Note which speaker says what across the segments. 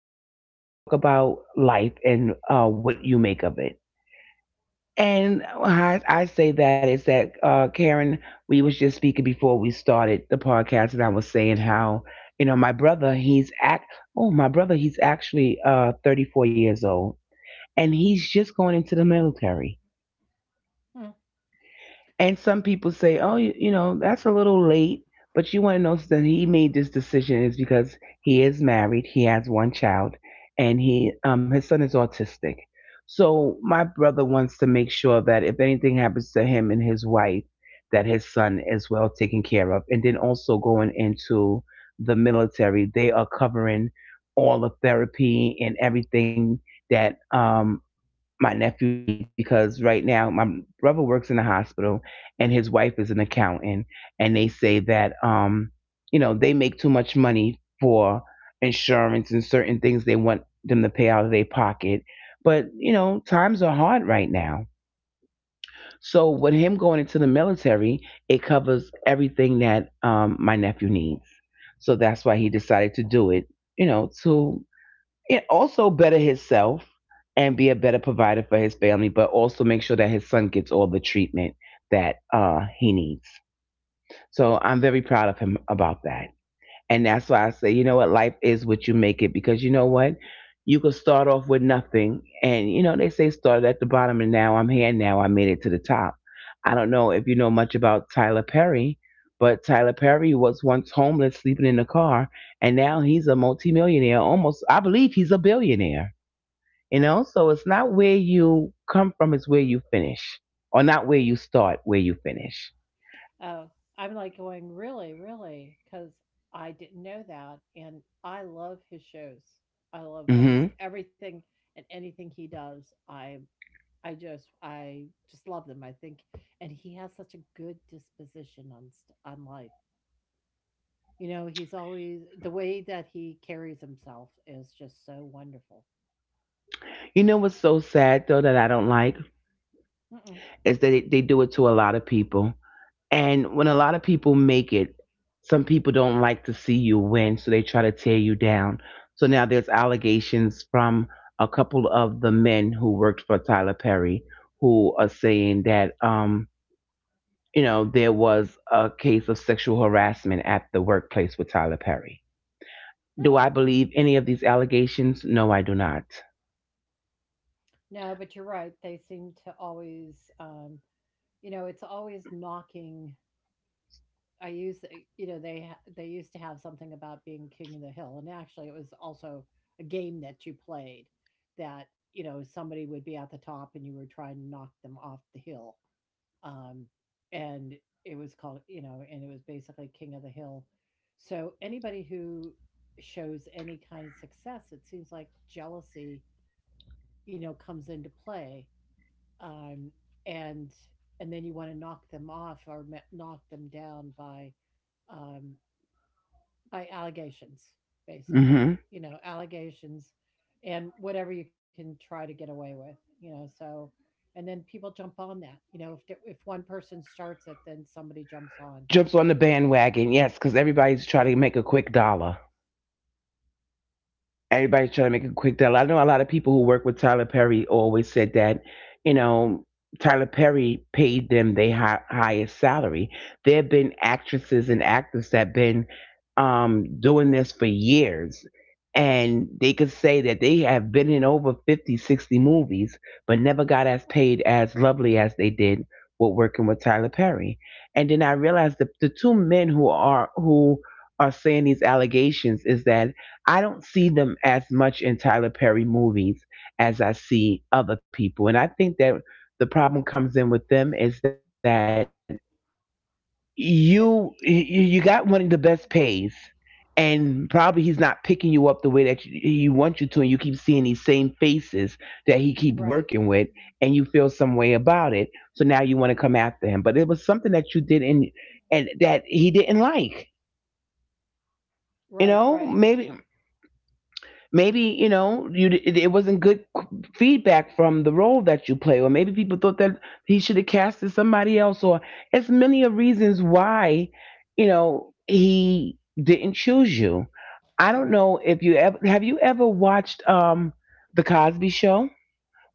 Speaker 1: today we are going to talk about life and what you make of it. And I say that is that Karen, we was just speaking before we started the podcast, and I was saying how you know my brother, he's actually 34 years old, and he's just going into the military.
Speaker 2: Mm.
Speaker 1: And some people say, oh, you know, that's a little late. But you want to know that he made this decision is because he is married, he has one child, and he his son is autistic. So my brother wants to make sure that if anything happens to him and his wife, that his son is well taken care of. And then also going into the military, they are covering all the therapy and everything that my nephew needs, because right now my brother works in the hospital and his wife is an accountant, and they say that you know they make too much money for insurance, and certain things they want them to pay out of their pocket. But you know times are hard right now, so with him going into the military, it covers everything that my nephew needs. So that's why he decided to do it, you know, to, it also better himself and be a better provider for his family, but also make sure that his son gets all the treatment that he needs. So I'm very proud of him about that. And that's why I say, you know what, life is what you make it, because you know what? You could start off with nothing. And, you know, they say started at the bottom and now I'm here, now I made it to the top. I don't know if you know much about Tyler Perry, but Tyler Perry was once homeless, sleeping in a car, and now he's a multimillionaire, almost, I believe he's a billionaire. You know, so it's not where you come from, it's where you finish. Or not where you start, where you finish.
Speaker 2: Oh, I'm like going, really, really? Because I didn't know that. And I love his shows. I love
Speaker 1: Hmm.
Speaker 2: almost everything and anything he does. I just love them. I think, and he has such a good disposition on life. You know, he's always the way that he carries himself is just so wonderful.
Speaker 1: You know what's so sad, though, that I don't like
Speaker 2: Mm-mm,
Speaker 1: is that they do it to a lot of people. And when a lot of people make it, some people don't like to see you win, so they try to tear you down. So now there's allegations from a couple of the men who worked for Tyler Perry who are saying that, you know, there was a case of sexual harassment at the workplace with Tyler Perry. Do
Speaker 2: really?
Speaker 1: I believe any of these allegations? No, I do not.
Speaker 2: No, but you're right. They seem to always, it's always knocking. I use, they they used to have something about being king of the hill, and actually, it was also a game that you played, that somebody would be at the top and you were trying to knock them off the hill, um, and and it was basically king of the hill. So anybody who shows any kind of success, it seems like jealousy, comes into play, um, and and then you want to knock them off or knock them down, by um, allegations, basically,
Speaker 1: Hmm.
Speaker 2: allegations and whatever you can try to get away with, so and then people jump on that, if one person starts it, then somebody jumps on,
Speaker 1: Jumps on the bandwagon, yes, because everybody's
Speaker 2: right?
Speaker 1: trying to make a quick dollar. Everybody's trying to make a quick deal. I know a lot of people who work with Tyler Perry always said that, you know, Tyler Perry paid them the highest salary. There have been actresses and actors that have been doing this for years, and they could say that they have been in over 50, 60 movies, but never got as paid as lovely as they did with working with Tyler Perry. And then I realized that the two men who are saying these allegations is that I don't see them as much in Tyler Perry movies as I see other people. And I think that the problem comes in with them is that
Speaker 2: Th-
Speaker 1: you you you got one of the best pays, and probably he's not picking you up the way that you want you to, and you keep seeing these same faces that he keep
Speaker 2: right,
Speaker 1: working with, and you feel some way about it. So now you want to come after him, but it was something that you did in and that he didn't like. You
Speaker 2: right,
Speaker 1: know,
Speaker 2: right,
Speaker 1: maybe, maybe, you know, you it wasn't good feedback from the role that you play, or maybe people thought that he should have casted somebody else, or it's many of reasons why, you know, he didn't choose you. I don't
Speaker 2: right.
Speaker 1: know if you ever, have you ever watched the Cosby Show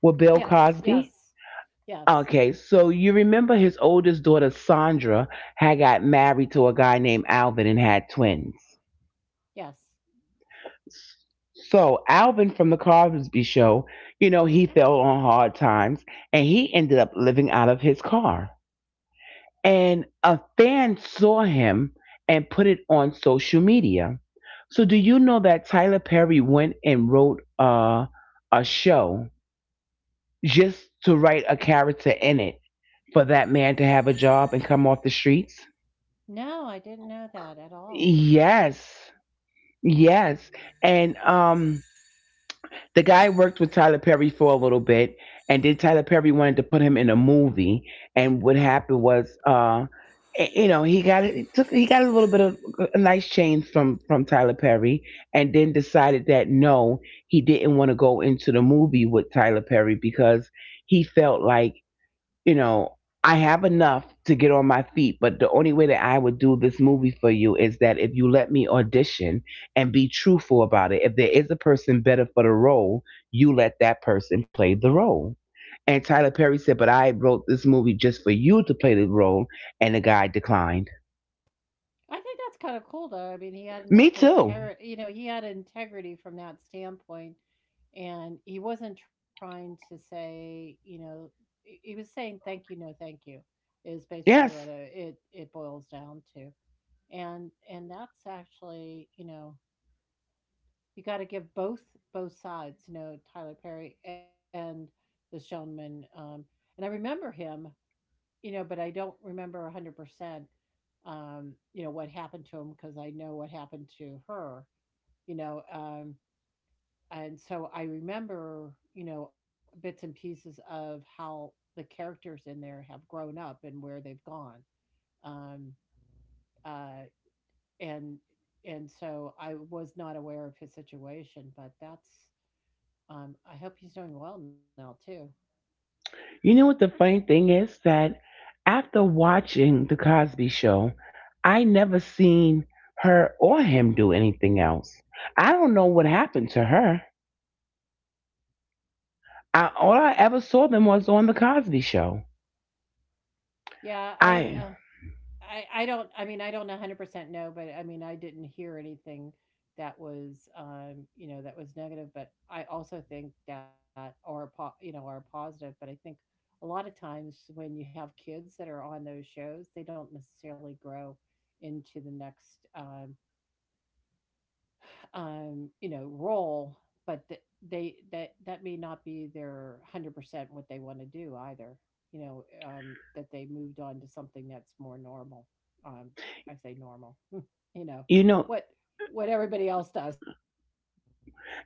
Speaker 1: with
Speaker 2: Yes,
Speaker 1: Bill
Speaker 2: yes,
Speaker 1: Cosby?
Speaker 2: yes,
Speaker 1: Okay, so you remember his oldest daughter Sandra had got married to a guy named Alvin and had twins.
Speaker 2: yes.
Speaker 1: So Alvin from the Cosby Show, you know, he fell on hard times and he ended up living out of his car. And a fan saw him and put it on social media. So do you know that Tyler Perry went and wrote a show just to write a character in it for that man to have a job and come off the streets?
Speaker 2: No, I didn't know that at all.
Speaker 1: Yes. Yes. And the guy worked with Tyler Perry for a little bit, and then Tyler Perry wanted to put him in a movie. And what happened was, you know, he got a little bit of a nice change from Tyler Perry, and then decided that no, he didn't want to go into the movie with Tyler Perry because he felt like, you know, I have enough to get on my feet, but the only way that I would do this movie for you is that if you let me audition and be truthful about it. If there is a person better for the role, you let that person play the role. And Tyler Perry said, but I wrote this movie just for you to play the role, and the guy declined.
Speaker 2: I think that's kind of cool, though. I mean, he had enough
Speaker 1: Me too.
Speaker 2: integrity, he had integrity from that standpoint, and he wasn't trying to say, he was saying thank you, no thank you, is basically what
Speaker 1: Yes.
Speaker 2: it boils down to, and that's actually, you got to give both sides. Tyler Perry and the Shonman, and I remember him, but I don't remember 100%, what happened to him, because I know what happened to her, you know. Um, and so I remember, bits and pieces of how the characters in there have grown up and where they've gone. Um, uh, and and so I was not aware of his situation, but that's. I hope he's doing well now too.
Speaker 1: You know what the funny thing is that after watching the Cosby Show, I never seen her or him do anything else. I don't know what happened to her. All I ever saw them was on the Cosby Show.
Speaker 2: Yeah,
Speaker 1: I,
Speaker 2: I don't I mean I don't 100% know, but I mean I didn't hear anything that was that was negative, but I also think that, or po- you know are positive, but I think a lot of times when you have kids that are on those shows, they don't necessarily grow into the next role, but th- they that that may not be their 100% what they want to do either. You know, that they moved on to something that's more normal. Um, I say normal.
Speaker 1: you know,
Speaker 2: What what everybody else does.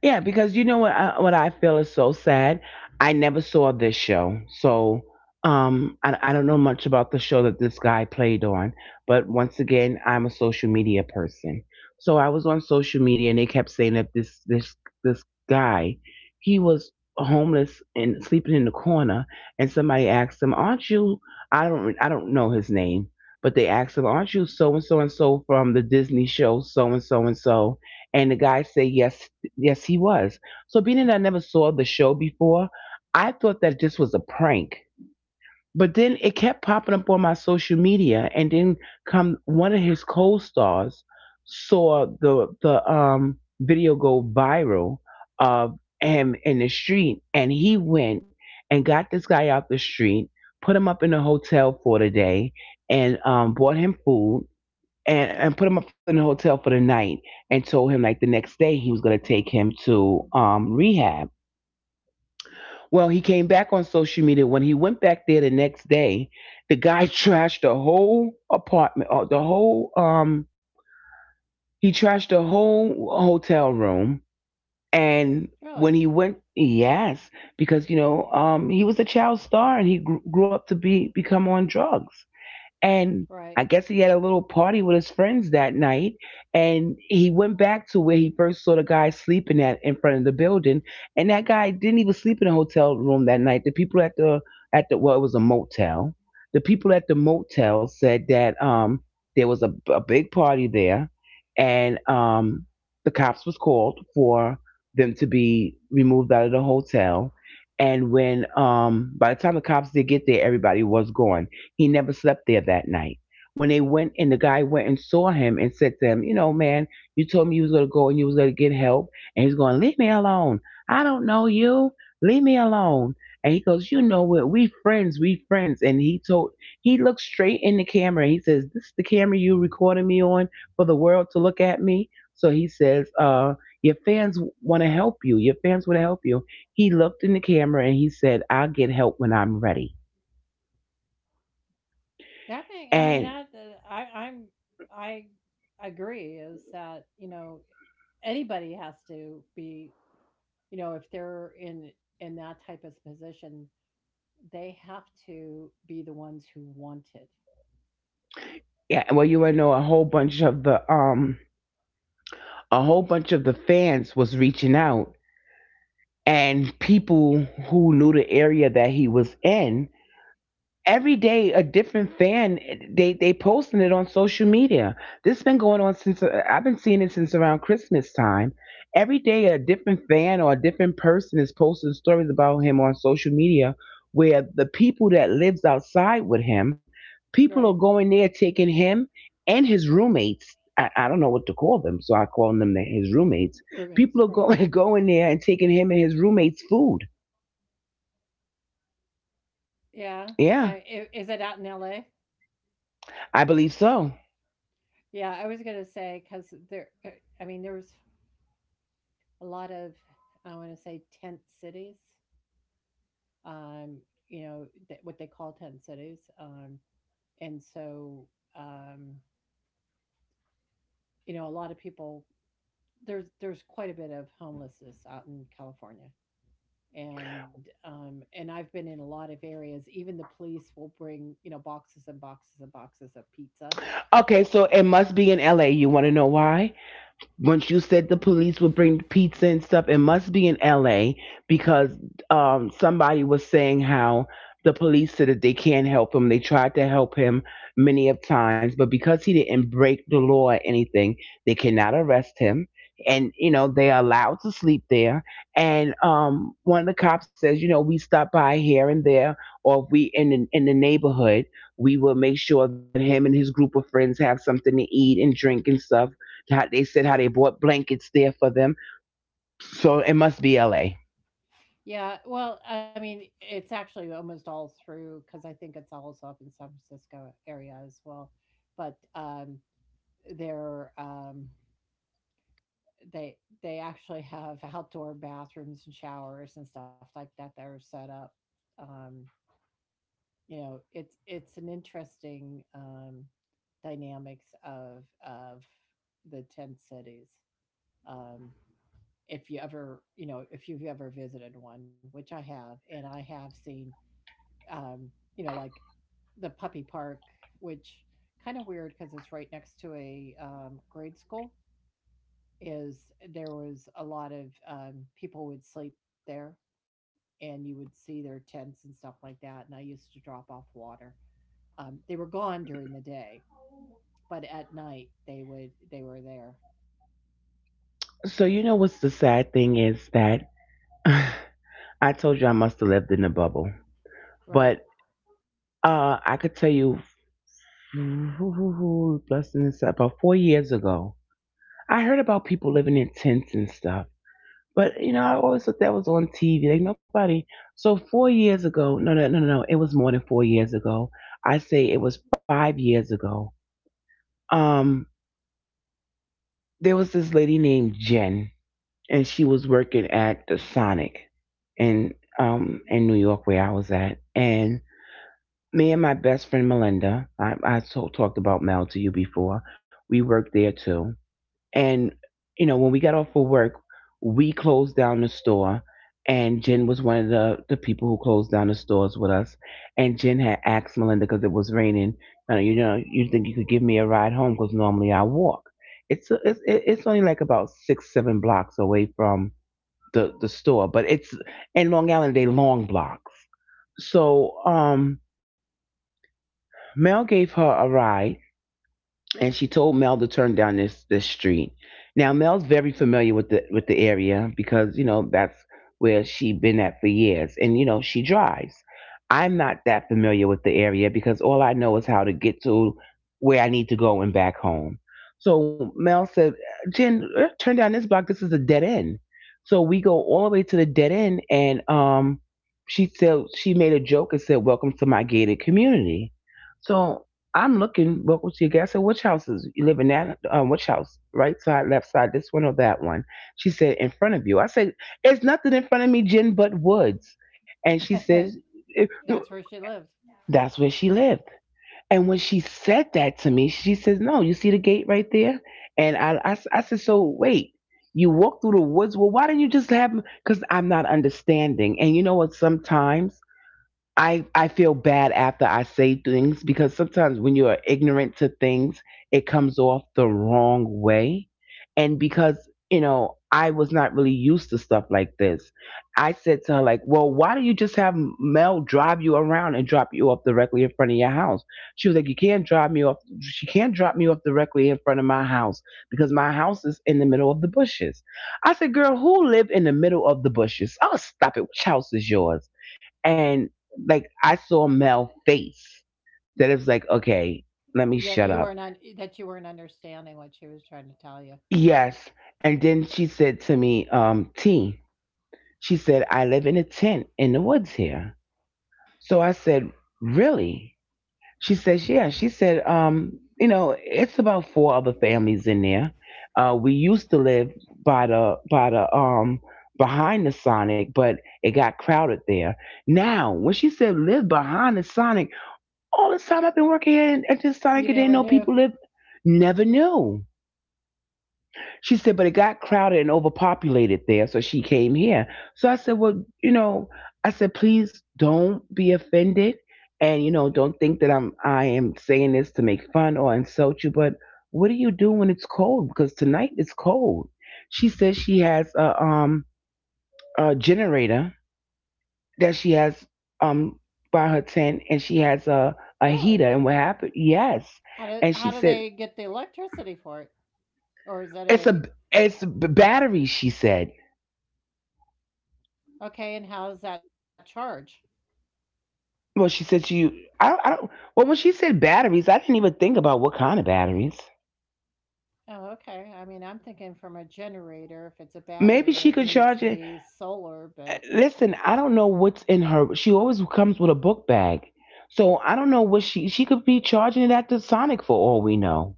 Speaker 1: yeah, because you know what what I feel is so sad. I never saw this show, so I don't know much about the show that this guy played on. But once again, I'm a social media person, so I was on social media, and they kept saying that this guy, he was homeless and sleeping in the corner, and somebody asked him, "Aren't you?" I don't know his name, but they asked him, "Aren't you so and so and so from the Disney show so and so and so?" And the guy said, "Yes, yes, he was." So being that I never saw the show before, I thought that this was a prank. But then it kept popping up on my social media, and then come one of his co-stars saw the video go viral of him in the street, and he went and got this guy out the street, put him up in a hotel for the day, and bought him food and put him up in the hotel for the night, and told him like the next day he was going to take him to rehab. Well, he came back on social media when he went back there the next day. The guy trashed the whole apartment, the whole he trashed the whole hotel room. And
Speaker 2: Really,
Speaker 1: when he went, yes, because you know he was a child star and he grew up to be become on drugs. And
Speaker 2: right?
Speaker 1: I guess he had a little party with his friends that night, and he went back to where he first saw the guy sleeping at in front of the building, and that guy didn't even sleep in a hotel room that night. The people at the, at the, well, it was a motel. The people at the motel said that there was a big party there, and the cops was called for them to be removed out of the hotel, and when by the time the cops did get there, everybody was gone. He never slept there that night. When they went and the guy went and saw him and said to him, you know, man, you told me you was gonna go and you was gonna get help, and he's going, leave me alone. I don't know you. Leave me alone. And he goes, you know what, we friends, we friends, and he looked straight in the camera, he says, this is the camera you recorded me on for the world to look at me. So he says, your fans wanna help you. Your fans wanna help you. He looked in the camera and he said, I'll get help when I'm ready.
Speaker 2: That may, I mean,
Speaker 1: And
Speaker 2: that I agree. Is that anybody has to be, if they're in that type of position, they have to be the ones who want it,
Speaker 1: yeah, you would know a whole bunch of the fans was reaching out and people who knew the area that he was in. Every day a different fan, they posting it on social media. This has been going on since I've been seeing it since around Christmas time. Every day a different fan or a different person is posting stories about him on social media where the people that lives outside with him, people are
Speaker 2: right?
Speaker 1: going there taking him and his roommates. I don't know what to call them, so I call them his roommates.
Speaker 2: Roommates,
Speaker 1: People are
Speaker 2: right?
Speaker 1: going going there and taking him and his roommates' food.
Speaker 2: Yeah.
Speaker 1: Yeah,
Speaker 2: I Is it out in LA?
Speaker 1: I believe so.
Speaker 2: Yeah, I was gonna say because there, I mean, there was a lot of, I want to say, tent cities. Um, what they call tent cities. And so, um, a lot of people, there's quite a bit of homelessness out in California. And and I've been in a lot of areas. Even the police will bring, boxes and boxes and boxes of pizza.
Speaker 1: Okay, so it must be in LA. You want to know why? Once you said the police would bring the pizza and stuff, it must be in LA, because somebody was saying how the police said that they can't help him. They tried to help him many of times, but because he didn't break the law or anything, they cannot arrest him. And you know they are allowed to sleep there. And one of the cops says, you know, we stop by here and there, or if we in the neighborhood, we will make sure that him and his group of friends have something to eat and drink and stuff. They said how they bought blankets there for them. So it must be LA.
Speaker 2: Yeah, well, I mean it's actually almost all through, cuz I think it's also up in San Francisco area as well. But they're, they they actually have outdoor bathrooms and showers and stuff like that that are set up. um you know, it's an interesting, dynamics of the tent cities. um, if you ever, if you've ever visited one, which I have, and I have seen, um, like the puppy park, which kind of weird because it's right next to a, grade school. Is there was a lot of, people would sleep there, and you would see their tents and stuff like that, and I used to drop off water. They were gone during the day, but at night they would, they were there.
Speaker 1: So you know what's the sad thing is that I told you I must have lived in a bubble.
Speaker 2: Right.
Speaker 1: But I could tell you, less than this, about 4 years ago, I heard about people living in tents and stuff. But you know, I always thought that was on TV. Like nobody. So 4 years ago, no, no, no, no, no. It was more than 4 years ago. I say it was 5 years ago. Um, there was this lady named Jen and she was working at the Sonic in New York where I was at. And me and my best friend Melinda, talked about Mel to you before. We worked there too. And you know when we got off for work, we closed down the store. And Jen was one of the people who closed down the stores with us. And Jen had asked Melinda because it was raining. "You know, you think you could give me a ride home? Because normally I walk. It's only like about 6 7 blocks away from the store, but it's in Long Island they long blocks. So Mel gave her a ride and she told Mel to turn down this street. Now Mel's very familiar with the area because you know that's where she been at for years, and you know she drives. I'm not that familiar with the area because all I know is how to get to where I need to go and back home. So Mel said, "Jen, turn down this block. This is a dead end." So we go all the way to the dead end, and she said she made a joke and said, "Welcome to my gated community." So. I'm looking. Welcome to your guest. I said, which house is you live in? That which house? Right side, left side, this one or that one? She said, in front of you. I said, it's nothing in front of me, Jen, but woods. And she says, "It-
Speaker 2: That's where she lived.
Speaker 1: that's where she lived. And when she said that to me, she says, no, you see the gate right there? And I said, so wait. You walk through the woods. Well, why didn't you just have? Because I'm not understanding. And you know what? Sometimes I feel bad after I say things because sometimes when you are ignorant to things, it comes off the wrong way. And because, you know, I was not really used to stuff like this. I said to her like, "Well, why do you just have Mel drive you around and drop you off directly in front of your house?" She was like, "You can't drive me off. She can't drop me off directly in front of my house because my house is in the middle of the bushes." I said, "Girl, who live in the middle of the bushes? Oh, stop it. Which house is yours?" And like I saw Mel face that it was like, okay, let
Speaker 2: Yeah,
Speaker 1: me
Speaker 2: you
Speaker 1: shut
Speaker 2: weren't
Speaker 1: up.
Speaker 2: un- that you weren't understanding what she was trying to tell you.
Speaker 1: Yes. And then she said to me, T, she said, I live in a tent in the woods here. So I said, really? She says, yeah. She said, you know, it's about four other families in there. We used to live by the behind the Sonic, but it got crowded there. Now, when she said live behind the Sonic, all this time I've been working here and at this Sonic
Speaker 2: You
Speaker 1: and didn't
Speaker 2: never
Speaker 1: know
Speaker 2: knew.
Speaker 1: people live. Never knew. She said, but it got crowded and overpopulated there, so she came here. So I said, well, you know, I said, please don't be offended, and you know, don't think that I am saying this to make fun or insult you. But what do you do when it's cold? Because tonight it's cold. She said she has a generator that she has um by her tent and she has a
Speaker 2: Really?
Speaker 1: heater and what happened yes and she
Speaker 2: How do
Speaker 1: said
Speaker 2: they get the electricity for it? Or is that
Speaker 1: it's a
Speaker 2: a
Speaker 1: batteries she said
Speaker 2: okay, and how's that charge?
Speaker 1: well she said to you I don't well when she said batteries I didn't even think about what kind of batteries
Speaker 2: Oh, okay. I mean, I'm thinking from a generator. If it's a
Speaker 1: maybe
Speaker 2: battery,
Speaker 1: she
Speaker 2: it
Speaker 1: could
Speaker 2: needs
Speaker 1: charge
Speaker 2: to
Speaker 1: it.
Speaker 2: be solar, but
Speaker 1: Listen, I don't know what's in her she always comes with a book bag so I don't know what she could be charging it at the Sonic for all we know.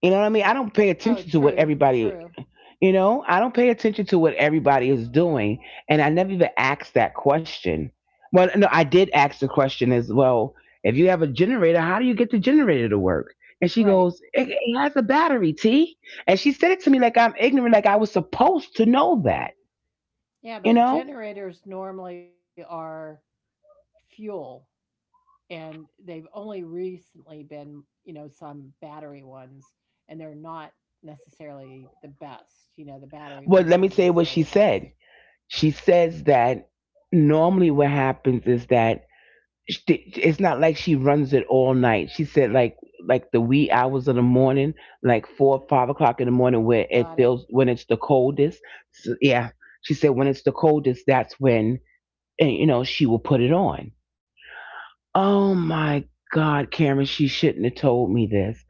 Speaker 1: You know what I mean, I don't pay
Speaker 2: oh,
Speaker 1: attention to what
Speaker 2: true,
Speaker 1: everybody.
Speaker 2: true.
Speaker 1: You know, I don't pay attention to what everybody is doing, and I never even asked that question. Well, no, I did ask the question as well. If you have a generator, how do you get the generator to work? And she
Speaker 2: Right.
Speaker 1: goes, it has a battery, T. And she said it to me like I'm ignorant, like I was supposed to know that.
Speaker 2: Yeah,
Speaker 1: You
Speaker 2: but
Speaker 1: know?
Speaker 2: generators normally are fuel, and they've only recently been, some battery ones, and they're not necessarily the best. You know, the battery
Speaker 1: Well,
Speaker 2: ones
Speaker 1: let me
Speaker 2: aren't
Speaker 1: say what
Speaker 2: necessarily
Speaker 1: she
Speaker 2: the best.
Speaker 1: said. She says that normally what happens is that it's not like she runs it all night. She said like the wee hours of the morning, like 4 or 5 o'clock in the morning, where it
Speaker 2: Got it.
Speaker 1: feels when it's the coldest. So, yeah, she said when it's the coldest, that's when you know she will put it on. Oh my God, Karen, she shouldn't have told me this.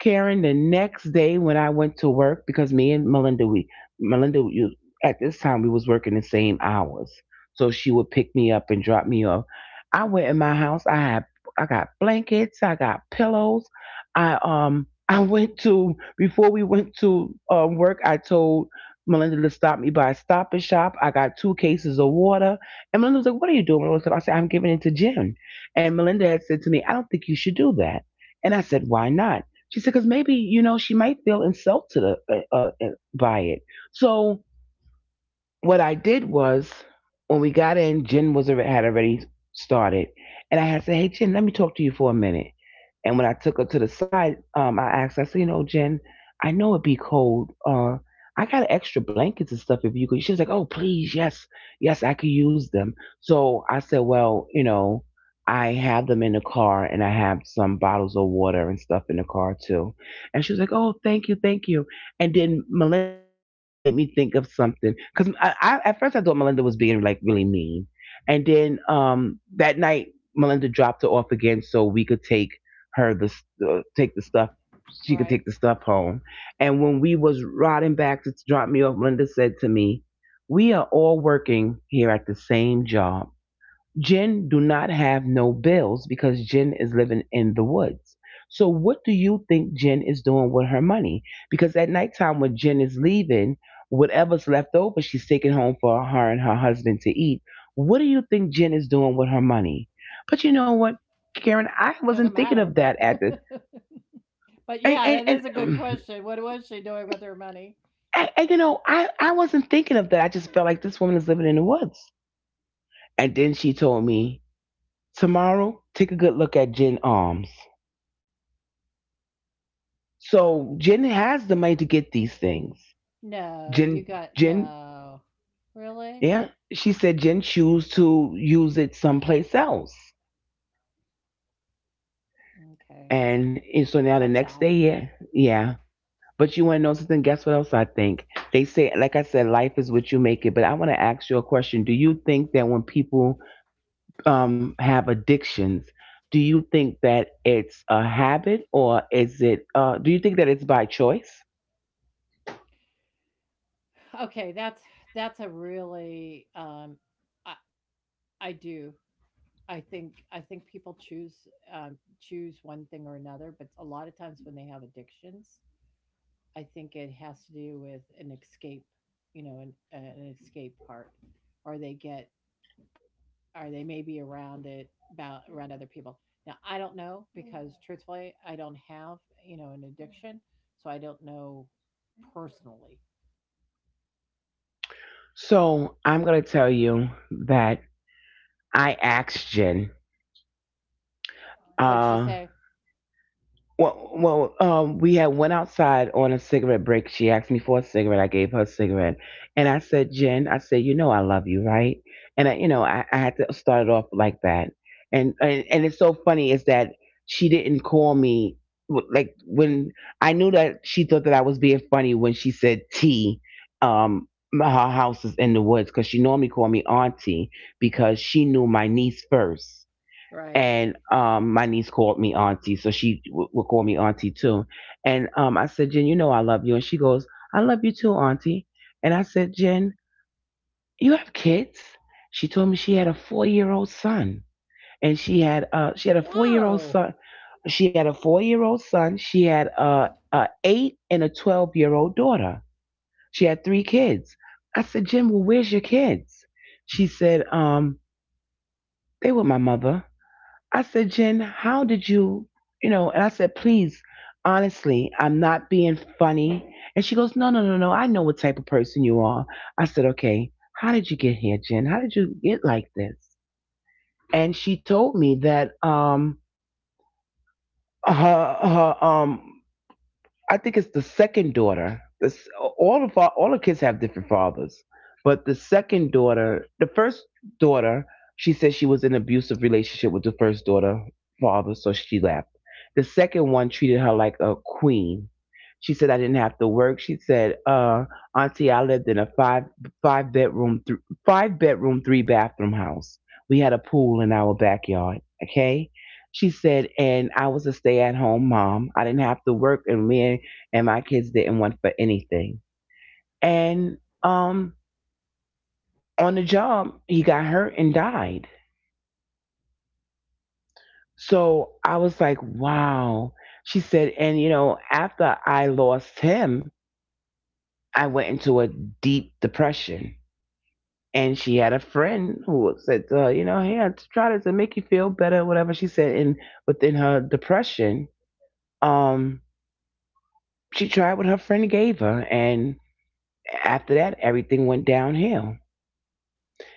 Speaker 1: Karen, the next day when I went to work, because me and Melinda, we Melinda you, at this time we was working the same hours. So she would pick me up and drop me off. I went in my house, I got blankets, I got pillows. I I went to before we went to work, I told Melinda to stop me by a Stop and Shop. I got two cases of water. And Melinda was like, what are you doing? I said, I'm giving it to Jim. And Melinda had said to me, I don't think you should do that. And I said, why not? She said, because maybe, you know, she might feel insulted by it. So what I did was when we got in, Jen was had already started, and I had said, "Hey, Jen, let me talk to you for a minute." And when I took her to the side, I asked, I said, "You know, Jen, I know it'd be cold. I got extra blankets and stuff if you could." She was like, "Oh, please, yes, yes, I could use them." So I said, "Well, you know." I have them in the car and I have some bottles of water and stuff in the car too. And she was like, oh, thank you, thank you. And then Melinda made me think of something because I at first I thought Melinda was being like really mean, and then that night Melinda dropped her off again so we could take her take the stuff she could take
Speaker 2: Right.
Speaker 1: the stuff home. And when we was riding back to drop me off, Melinda said to me, "We are all working here at the same job." Jen do not have no bills because Jen is living in the woods. So what do you think Jen is doing with her money? Because at nighttime when Jen is leaving, whatever's left over she's taking home for her and her husband to eat. What do you think Jen is doing with her money? But you know what, Karen, I
Speaker 2: Doesn't
Speaker 1: wasn't
Speaker 2: matter,
Speaker 1: thinking of
Speaker 2: but
Speaker 1: that at the
Speaker 2: but yeah, that
Speaker 1: and,
Speaker 2: is a good question. What was she doing with her money?
Speaker 1: and you know, I wasn't thinking of that. I just felt like this woman is living in the woods. And then she told me, tomorrow, take a good look at Jen arms. So Jen has the money to get these things.
Speaker 2: No, you
Speaker 1: Jen,
Speaker 2: got
Speaker 1: Jen,
Speaker 2: no. Really?
Speaker 1: yeah, she said Jen choose to use it someplace else.
Speaker 2: Okay.
Speaker 1: And so now the
Speaker 2: That's
Speaker 1: next
Speaker 2: sad.
Speaker 1: day, yeah, yeah. But you want to know something? Guess what else I think? They say, like I said, life is what you make it. But I want to ask you a question. Do you think that when people have addictions, do you think that it's a habit or is it, do you think that it's by choice?
Speaker 2: Okay, that's a really, I do. I think, people choose, um, choose one thing or another, but a lot of times when they have addictions, I think it has to do with an escape, you know, an, escape part, or they get, or they may be around it, about around other people. Now I don't know, because truthfully, I don't have, an addiction, so I don't know personally.
Speaker 1: So I'm gonna tell you that I asked Jen. Uh,
Speaker 2: What'd you say?
Speaker 1: well, we had went outside on a cigarette break. She asked me for a cigarette. I gave her a cigarette, and I said, "Jen, I said, you know, I love you, right?" And I, you know, I had to start it off like that, and it's so funny is that she didn't call me like when I knew that she thought that I was being funny when she said T. Her house is in the woods because she normally called me auntie because she knew my niece first and
Speaker 2: Right.
Speaker 1: my niece called me auntie, so she would call me auntie too. And I said, Jen, you know I love you, and she goes, I love you too, auntie. And I said, Jen, you have kids? She told me she had a four-year-old son, and
Speaker 2: Whoa.
Speaker 1: She had a four-year-old son. She had a eight and a 12-year-old daughter. She had three kids. I said, Jen, well, where's your kids? She said, they were my mother. I said, Jen, how did you, you know? And I said, please, honestly, I'm not being funny. And she goes, no, no, no, no. I know what type of person you are. I said, okay, how did you get here, Jen? How did you get like this? And she told me that her her I think it's the second daughter. This all of our, all the kids have different fathers, but the first daughter, she said she was in an abusive relationship with the first daughter father, so she left. The second one treated her like a queen. She said I didn't have to work. She said, "Auntie, I lived in a five bedroom th- five bedroom three bathroom house. We had a pool in our backyard. Okay." She said, and I was a stay at home mom. I didn't have to work, and me and my kids didn't want for anything. And um, on the job, he got hurt and died. So I was like, wow. She said, and you know, after I lost him, I went into a deep depression. And she had a friend who said to her, you know, hey, I'll try this and make you feel better, whatever she said. And within her depression, um, she tried what her friend gave her. And after that, everything went downhill.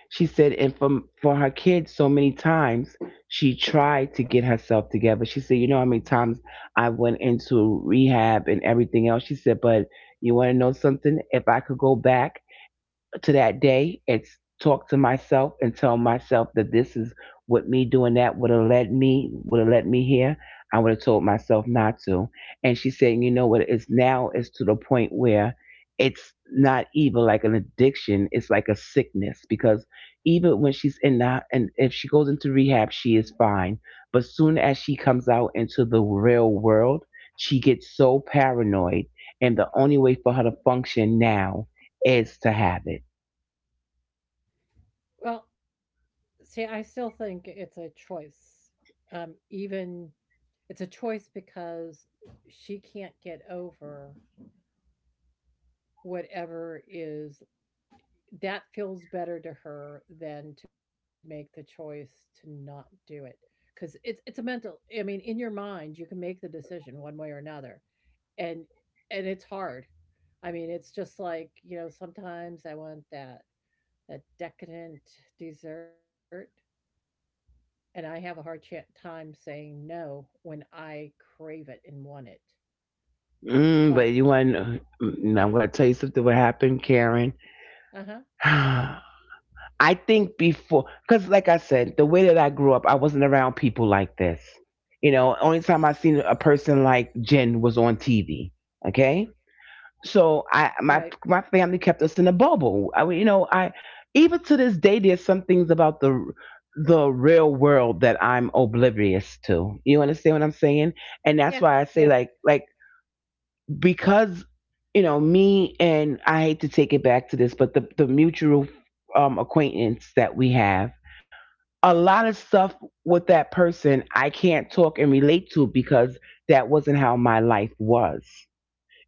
Speaker 1: She said, and for her kids, so many times she tried to get herself together. She said, you know how many times I went into rehab and everything else. She said, but you want to know something? If I could go back, to that day it's talk to myself and tell myself that this is what me doing that would have led me would have led me here, I would have told myself not to. And she's saying, you know what, it's now it's to the point where it's not even like an addiction, it's like a sickness because even when she's in that and if she goes into rehab she is fine, but soon as she comes out into the real world she gets so paranoid, and the only way for her to function now is to have it.
Speaker 2: Well, see, I still think it's a choice. Even it's a choice, because she can't get over whatever is that feels better to her than to make the choice to not do it. Because it's a mental. I mean, in your mind, you can make the decision one way or another, and it's hard. I mean, it's just like you know. Sometimes I want that, decadent dessert, and I have a time saying no when I crave it and want it.
Speaker 1: But
Speaker 2: But,
Speaker 1: you want? I'm going to tell you something. What happened, Karen?
Speaker 2: uh huh,
Speaker 1: I think before, because like I said, the way that I grew up, I wasn't around people like this. You know, only time I seen a person like Jen was on TV. Okay, so I my
Speaker 2: right.
Speaker 1: my family kept us in a bubble. I mean, you know, I even to this day, there's some things about the real world that I'm oblivious to. You understand what I'm saying? And that's
Speaker 2: Yeah,
Speaker 1: why I say
Speaker 2: yeah.
Speaker 1: like because you know me, and I hate to take it back to this, but the mutual acquaintance that we have, a lot of stuff with that person I can't talk and relate to because that wasn't how my life was.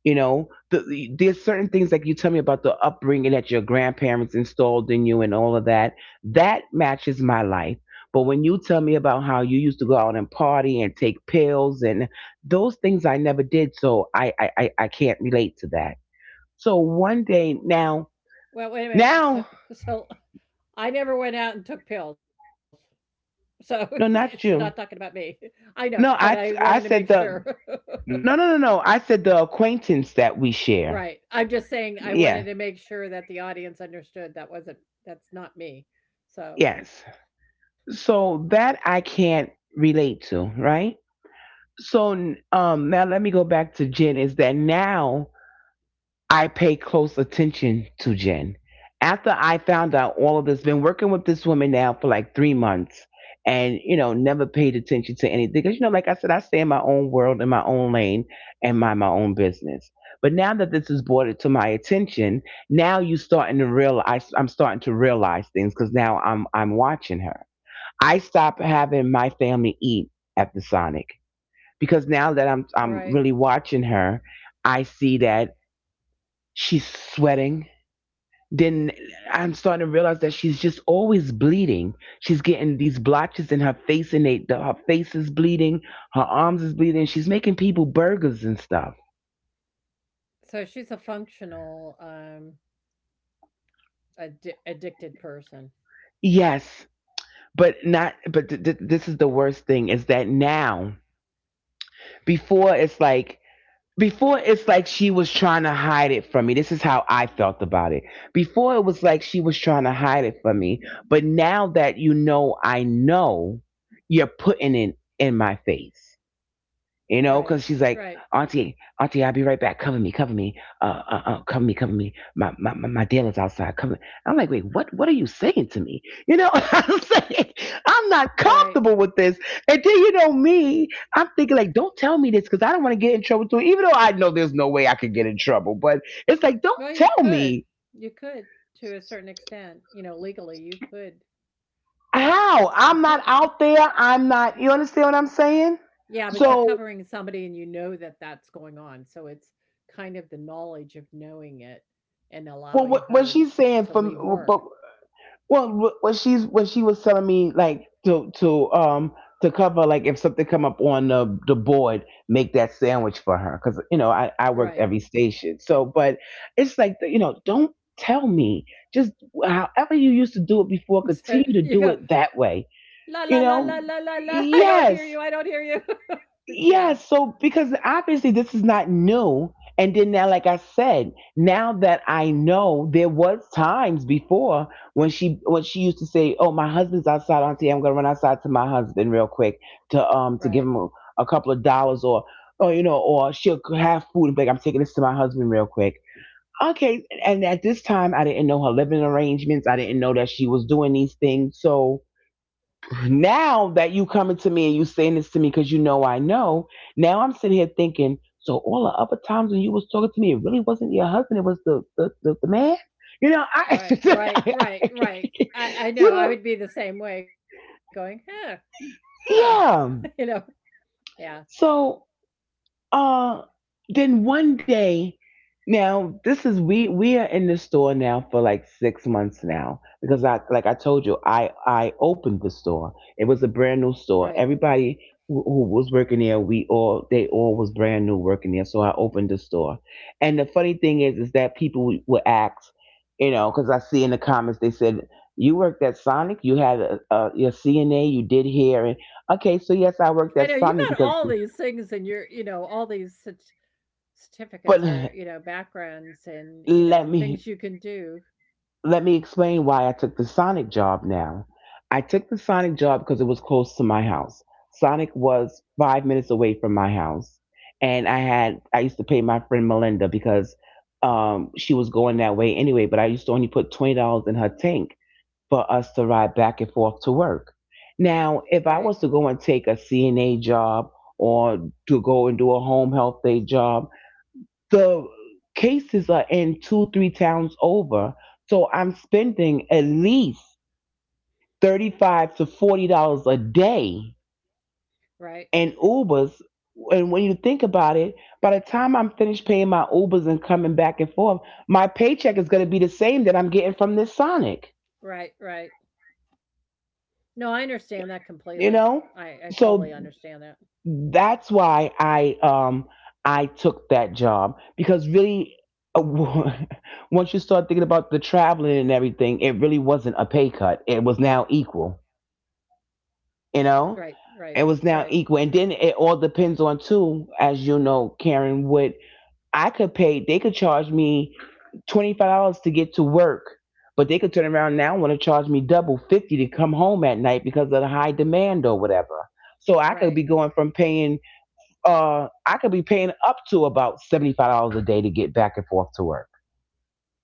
Speaker 1: You know, there's certain things like you tell me about the upbringing that your grandparents installed in you and all of that. That matches my life. But when you tell me about how you used to go out and party and take pills and those things I never did, so I can't relate to that. So one day now,
Speaker 2: Well, wait a minute. So,
Speaker 1: now,
Speaker 2: so I never went out and took pills. So she's
Speaker 1: no,
Speaker 2: not talking
Speaker 1: not
Speaker 2: about
Speaker 1: you.
Speaker 2: me. I know, but
Speaker 1: No,
Speaker 2: I wanted to
Speaker 1: I
Speaker 2: make
Speaker 1: said
Speaker 2: sure.
Speaker 1: the no no no no. I said the acquaintance that we share.
Speaker 2: Right. I'm just saying I wanted
Speaker 1: Yeah.
Speaker 2: to make sure that the audience understood that wasn't, that's not me. So,
Speaker 1: Yes. So that I can't relate to, right? So now let me go back to Jen. Is that now I pay close attention to Jen. After I found out all of this, been working with this woman now for like 3 months, and you know never paid attention to anything because you know, like I said, I stay in my own world, in my own lane, and mind my own business. But now that this is brought to my attention, now you starting to realize I'm starting to realize things because now I'm watching her. I stopped having my family eat at the Sonic because now that I'm
Speaker 2: right.
Speaker 1: really watching her, I see that she's sweating. Then I'm starting to realize that she's just always bleeding. She's getting these blotches in her face, and her face is bleeding, her arms is bleeding. She's making people burgers and stuff.
Speaker 2: So she's a functional, addicted person.
Speaker 1: Yes, but not. But this is the worst thing is that now, before it's like before it's like she was trying to hide it from me. This is how I felt about it. Before it was like she was trying to hide it from me, but now that you know I know, you're putting it in my face, you know,
Speaker 2: Right.
Speaker 1: because she's like,
Speaker 2: Right.
Speaker 1: Auntie, Auntie, I'll be right back. Cover me, cover me, cover me, cover me. My dealer's outside. Cover me." I'm like, wait, what are you saying to me? You know, I'm saying, I'm
Speaker 2: Right.
Speaker 1: not comfortable with this. And then you know me, I'm thinking like, don't tell me this because I don't want to get in trouble too. Even though I know there's no way I could get in trouble, but it's like, don't
Speaker 2: Well, you
Speaker 1: tell
Speaker 2: could.
Speaker 1: me
Speaker 2: You could to a certain extent. You know, legally you could. You could.
Speaker 1: how. I'm not out there. I'm not. You understand what I'm saying?
Speaker 2: Yeah, but you're
Speaker 1: So,
Speaker 2: covering somebody and you know that that's going on. So it's kind of the knowledge of knowing it and
Speaker 1: well,
Speaker 2: allowing
Speaker 1: what, what
Speaker 2: her
Speaker 1: she's saying
Speaker 2: to
Speaker 1: from,
Speaker 2: leave work.
Speaker 1: but well, what she's what she was telling me like to cover like if something come up on the board, make that sandwich for her because you know I worked
Speaker 2: Right.
Speaker 1: every station. So, but it's like you know don't tell me, just however you used to do it before,
Speaker 2: So
Speaker 1: continue to
Speaker 2: you
Speaker 1: do
Speaker 2: go
Speaker 1: it that
Speaker 2: la
Speaker 1: way.
Speaker 2: la la la la
Speaker 1: You
Speaker 2: la
Speaker 1: know,
Speaker 2: la. I don't hear you. I don't
Speaker 1: yes,
Speaker 2: hear you. Yeah.
Speaker 1: yeah, so because obviously this is not new. And then now, like I said, now that I know there was times before when she used to say, "Oh, my husband's outside, Auntie. I'm gonna run outside to my husband real quick to
Speaker 2: Right.
Speaker 1: give him a couple of dollars or you know or she'll have food and be like, "I'm taking this to my husband real quick." Okay, and at this time I didn't know her living arrangements. I didn't know that she was doing these things, so now that you coming to me and you saying this to me because you know I know, now I'm sitting here thinking, so all the other times when you was talking to me, it really wasn't your husband, it was the man? You know, I,
Speaker 2: Right. Right. Right. Right. I
Speaker 1: you
Speaker 2: know. I
Speaker 1: know,
Speaker 2: would be the same way going, "Huh. Huh." You
Speaker 1: yeah.
Speaker 2: know. Yeah.
Speaker 1: So Uh, then one day, now this is we are in the store now for like 6 months now because I like I told you I opened the store. It was a brand new
Speaker 2: Right.
Speaker 1: store. Everybody who was working there, we all they all was brand new working there. So I opened the store, and the funny thing is that people would ask, you know, because I see in the comments they said, "You worked at Sonic. You had a your CNA. You did here, and okay. So yes, I
Speaker 2: I know
Speaker 1: worked at
Speaker 2: you got
Speaker 1: Sonic
Speaker 2: all
Speaker 1: because,"
Speaker 2: these things and you're, you know, all these cert-
Speaker 1: but
Speaker 2: certificates are, you know, backgrounds and, you know,
Speaker 1: let
Speaker 2: and
Speaker 1: me
Speaker 2: things you can do.
Speaker 1: let me explain why I took the Sonic job now. I took the Sonic job because it was close to my house. Sonic was 5 minutes away from my house. And I used to pay my friend Melinda because she was going that way anyway, but I used to only put $20 in her tank for us to ride back and forth to work.
Speaker 2: Right.
Speaker 1: Now, if I was to go and take a CNA job or to go and do a home health day job, the cases are in two, three towns over. So I'm spending at least $35 to $40 a day
Speaker 2: Right.
Speaker 1: in Ubers. And when you think about it, by the time I'm finished paying my Ubers and coming back and forth, my paycheck is going to be the same that I'm getting from this Sonic.
Speaker 2: Right. Right. No, I understand that completely.
Speaker 1: You know,
Speaker 2: I, totally
Speaker 1: so
Speaker 2: understand that.
Speaker 1: that's why I I took that job because really uh, once you start thinking about the traveling and everything, it really wasn't a pay cut. It was now equal, you
Speaker 2: Right.
Speaker 1: know?
Speaker 2: Right.
Speaker 1: It was
Speaker 2: Right.
Speaker 1: now equal. And then it all depends on too, as you know, Karen, what I could pay, they could charge me $25 to get to work. But they could turn around now and want to charge me double 50 to come home at night because of the high demand or whatever. So I
Speaker 2: Right.
Speaker 1: could be going from paying I could be paying up to about $75 a day to get back and forth to work.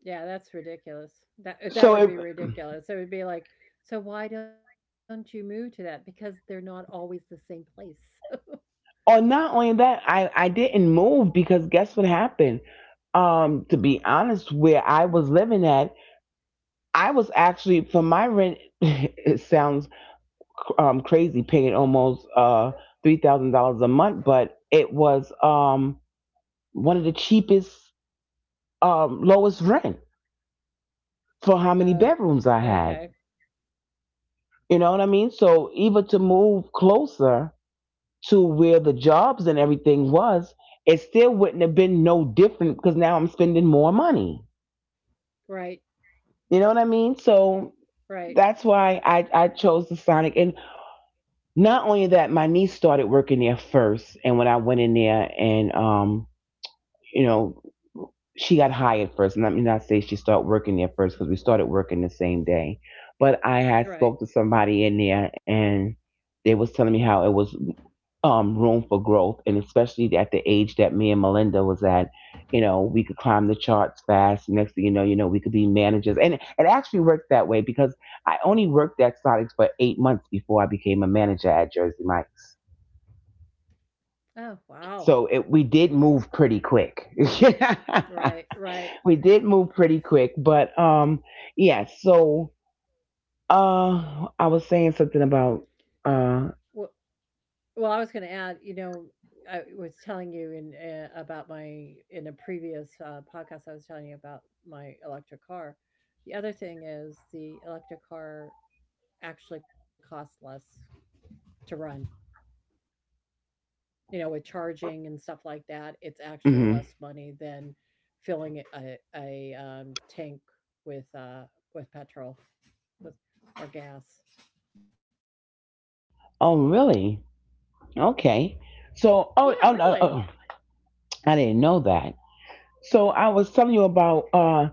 Speaker 2: Yeah, that's ridiculous. That, that
Speaker 1: So,
Speaker 2: would
Speaker 1: it,
Speaker 2: be ridiculous. It would be like, so why don't you move to that? Because they're not always the same place.
Speaker 1: or not only that, I didn't move because guess what happened? To be honest, where I was living at, I was actually for my rent. It sounds crazy paying almost $3,000 a month, but it was one of the cheapest lowest rent for how many
Speaker 2: Oh,
Speaker 1: bedrooms I had.
Speaker 2: okay.
Speaker 1: You know what I mean? So even to move closer, to where the jobs and everything was, it still wouldn't have been no different because now I'm spending more money.
Speaker 2: Right.
Speaker 1: You know what I mean? So that's
Speaker 2: Right.
Speaker 1: why I chose the Sonic. And not only that, my niece started working there first. And when I went in there and, you know, she got hired first. And let me not say she started working there first because we started working the same day. But I had
Speaker 2: Right.
Speaker 1: spoke to somebody in there and they was telling me how it was room for growth, and especially at the age that me and Melinda was at, you know, we could climb the charts fast. Next thing you know, we could be managers, and it actually worked that way because I only worked at Sonics for 8 months before I became a manager at Jersey Mike's.
Speaker 2: Oh, wow.
Speaker 1: So we did move pretty quick.
Speaker 2: Right, right.
Speaker 1: We did move pretty quick, but yeah. So I was saying something about. uh.
Speaker 2: Well, I was going to add, you know, I was telling you in, about my in a previous, podcast, I was telling you about my electric car. The other thing is the electric car actually costs less to run. You know, with charging and stuff like that, it's actually
Speaker 1: Hmm.
Speaker 2: less money than filling a tank with, with petrol, with, or gas.
Speaker 1: Oh, really? Okay. So,
Speaker 2: Yeah, really.
Speaker 1: I didn't know that. So I was telling you about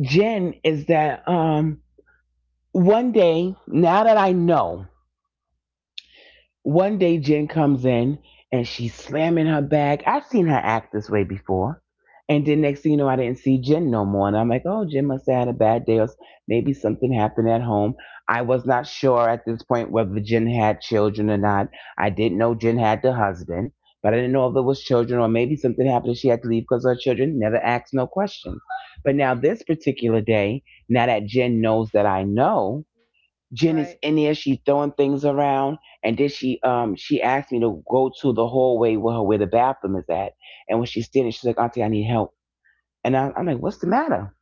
Speaker 1: Jen is that one day now that I know. One day Jen comes in and she's slamming her bag. I've seen her act this way before. And then next thing you know, I didn't see Jen no more. And I'm like, oh, Jen must have had a bad day or maybe something happened at home. I was not sure at this point whether Jen had children or not. I didn't know Jen had the husband, but I didn't know if there was children or maybe something happened and she had to leave because her children never asked no questions. But now this particular day, now that Jen knows that I know, Jen is
Speaker 2: Right.
Speaker 1: in there. She's throwing things around, and then she asked me to go to the hallway where where the bathroom is at. And when she's standing, she's like, "Auntie, I need help." And I'm like, "What's the matter?"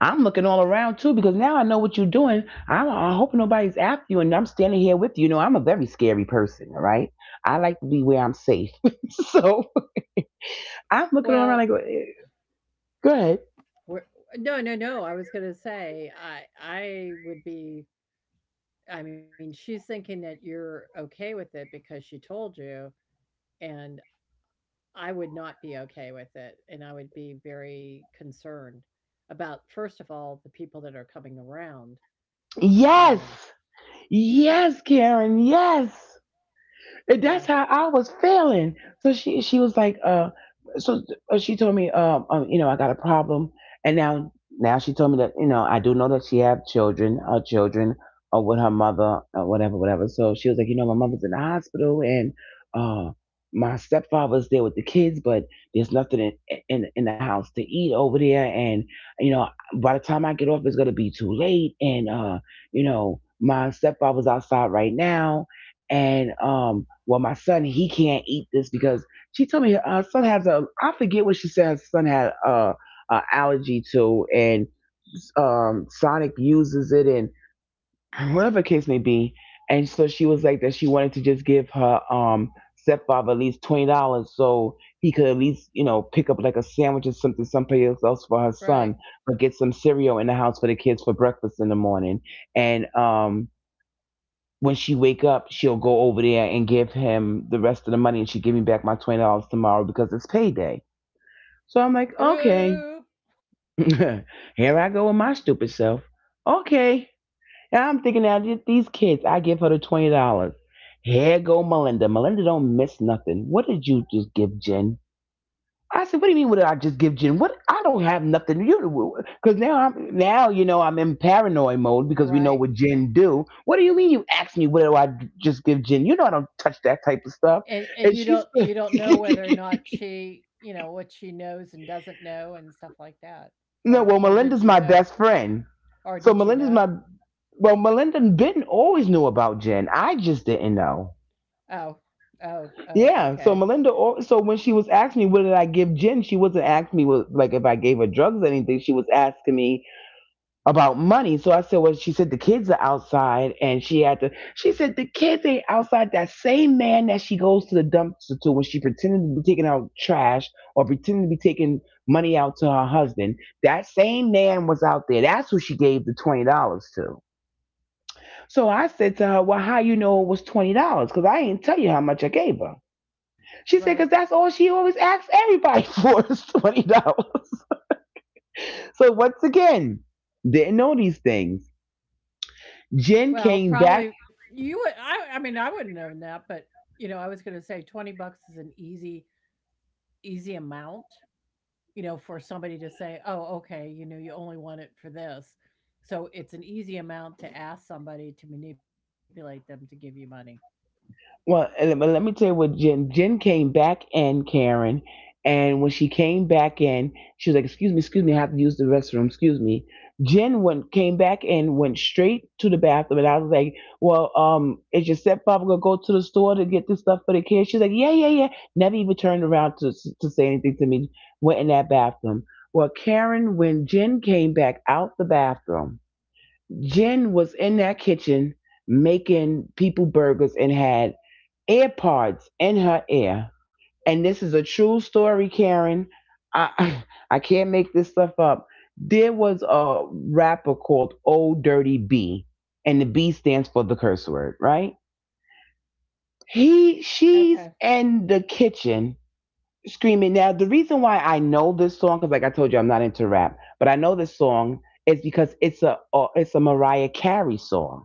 Speaker 1: I'm looking all around too because now I know what you're doing. I hope nobody's after you, and I'm standing here with you. You know, I'm a very scary person. All right, I like to be where I'm safe. So I'm looking
Speaker 2: Well,
Speaker 1: around like, "Eh, go ahead."
Speaker 2: we're no, no, no. I was gonna say, I would be, I mean, she's thinking that you're okay with it because she told you, and I would not be okay with it, and I would be very concerned about, first of all, the people that are coming around.
Speaker 1: Yes,
Speaker 2: Um,
Speaker 1: yes, Karen. Yes. And that's
Speaker 2: yeah,
Speaker 1: how I was feeling. So she was like, so she told me, you know, I got a problem, and now she told me that you know I do know that she have children, her children, or with her mother, or whatever, whatever. So she was like, you know, my mother's in the hospital, and uh, my stepfather's there with the kids, but there's nothing in in the house to eat over there, and you know, by the time I get off, it's gonna be too late, and you know, my stepfather's outside right now and well my son he can't eat this because she told me her son has a I forget what she said her son had a allergy to and Sonic uses it and whatever the case may be, and so she was like that she wanted to just give her stepfather at least $20 so he could at least you know pick up like a sandwich or something someplace else for her son,
Speaker 2: right.
Speaker 1: but get some cereal in the house for the kids for breakfast in the morning, and when she wake up, she'll go over there and give him the rest of the money, and she give me back my $20 tomorrow because it's payday. So I'm like, okay,
Speaker 2: Ooh,
Speaker 1: here I go with my stupid self. Okay, and I'm thinking now these kids, I give her the $20. Here go Melinda. Melinda don't miss nothing. What did you just give Jen? I said, "What do you mean? What did I just give Jen? What? I don't have nothing to do because now you know I'm in paranoid mode because we know
Speaker 2: right.
Speaker 1: what Jen do. What do you mean? You asked me what do I just give Jen? You know I don't touch that type of stuff."
Speaker 2: And
Speaker 1: And
Speaker 2: you
Speaker 1: she's
Speaker 2: don't, know whether or not she, you know, what she knows and doesn't know and stuff like that.
Speaker 1: no.
Speaker 2: Or,
Speaker 1: Well,
Speaker 2: did
Speaker 1: Melinda's
Speaker 2: you
Speaker 1: my
Speaker 2: know?
Speaker 1: best friend,
Speaker 2: Or
Speaker 1: so
Speaker 2: did she
Speaker 1: Melinda's my
Speaker 2: know?
Speaker 1: well. Melinda and Ben always knew about Jen. I just didn't know.
Speaker 2: Oh, oh, oh,
Speaker 1: Yeah.
Speaker 2: okay.
Speaker 1: So so when she was asking me what did I give Jen, she wasn't asking me what, like if I gave her drugs or anything. She was asking me about money. So I said, well, she said the kids are outside and she said the kids ain't outside. That same man that she goes to the dumpster to when she pretended to be taking out trash or pretended to be taking money out to her husband, that same man was out there. That's who she gave the $20 to. So I said to her, well, how you know it was $20? Cause I ain't tell you how much I gave her. She said, cause that's
Speaker 2: Right.
Speaker 1: all she always asks everybody for is $20. So once again, didn't know these things. Jen
Speaker 2: Well,
Speaker 1: came back.
Speaker 2: probably you would, I mean, I wouldn't know that, but you know, I was gonna say $20 is an easy, easy amount. You know, for somebody to say, oh, okay, you know, you only want it for this. So it's an easy amount to ask somebody to manipulate them to give you money.
Speaker 1: Well, and but let me tell you what Jen. Jen came back in, Karen, and when she came back in, she was like, excuse me, I have to use the restroom. Excuse me." Jen went came back and went straight to the bathroom, and I was like, "Well, is your stepfather gonna go to the store to get this stuff for the kids?" She's like, "Yeah, yeah, yeah." Never even turned around to say anything to me. Went in that bathroom. Well, Karen, when Jen came back out the bathroom, Jen was in that kitchen making people burgers and had AirPods in her ear. And this is a true story, Karen. I I can't make this stuff up. There was a rapper called Old Dirty B, and the B stands for the curse word, right? He
Speaker 2: Okay.
Speaker 1: she's in the kitchen screaming. Now the reason why I know this song, because like I told you, I'm not into rap, but I know this song is because it's a Mariah Carey song,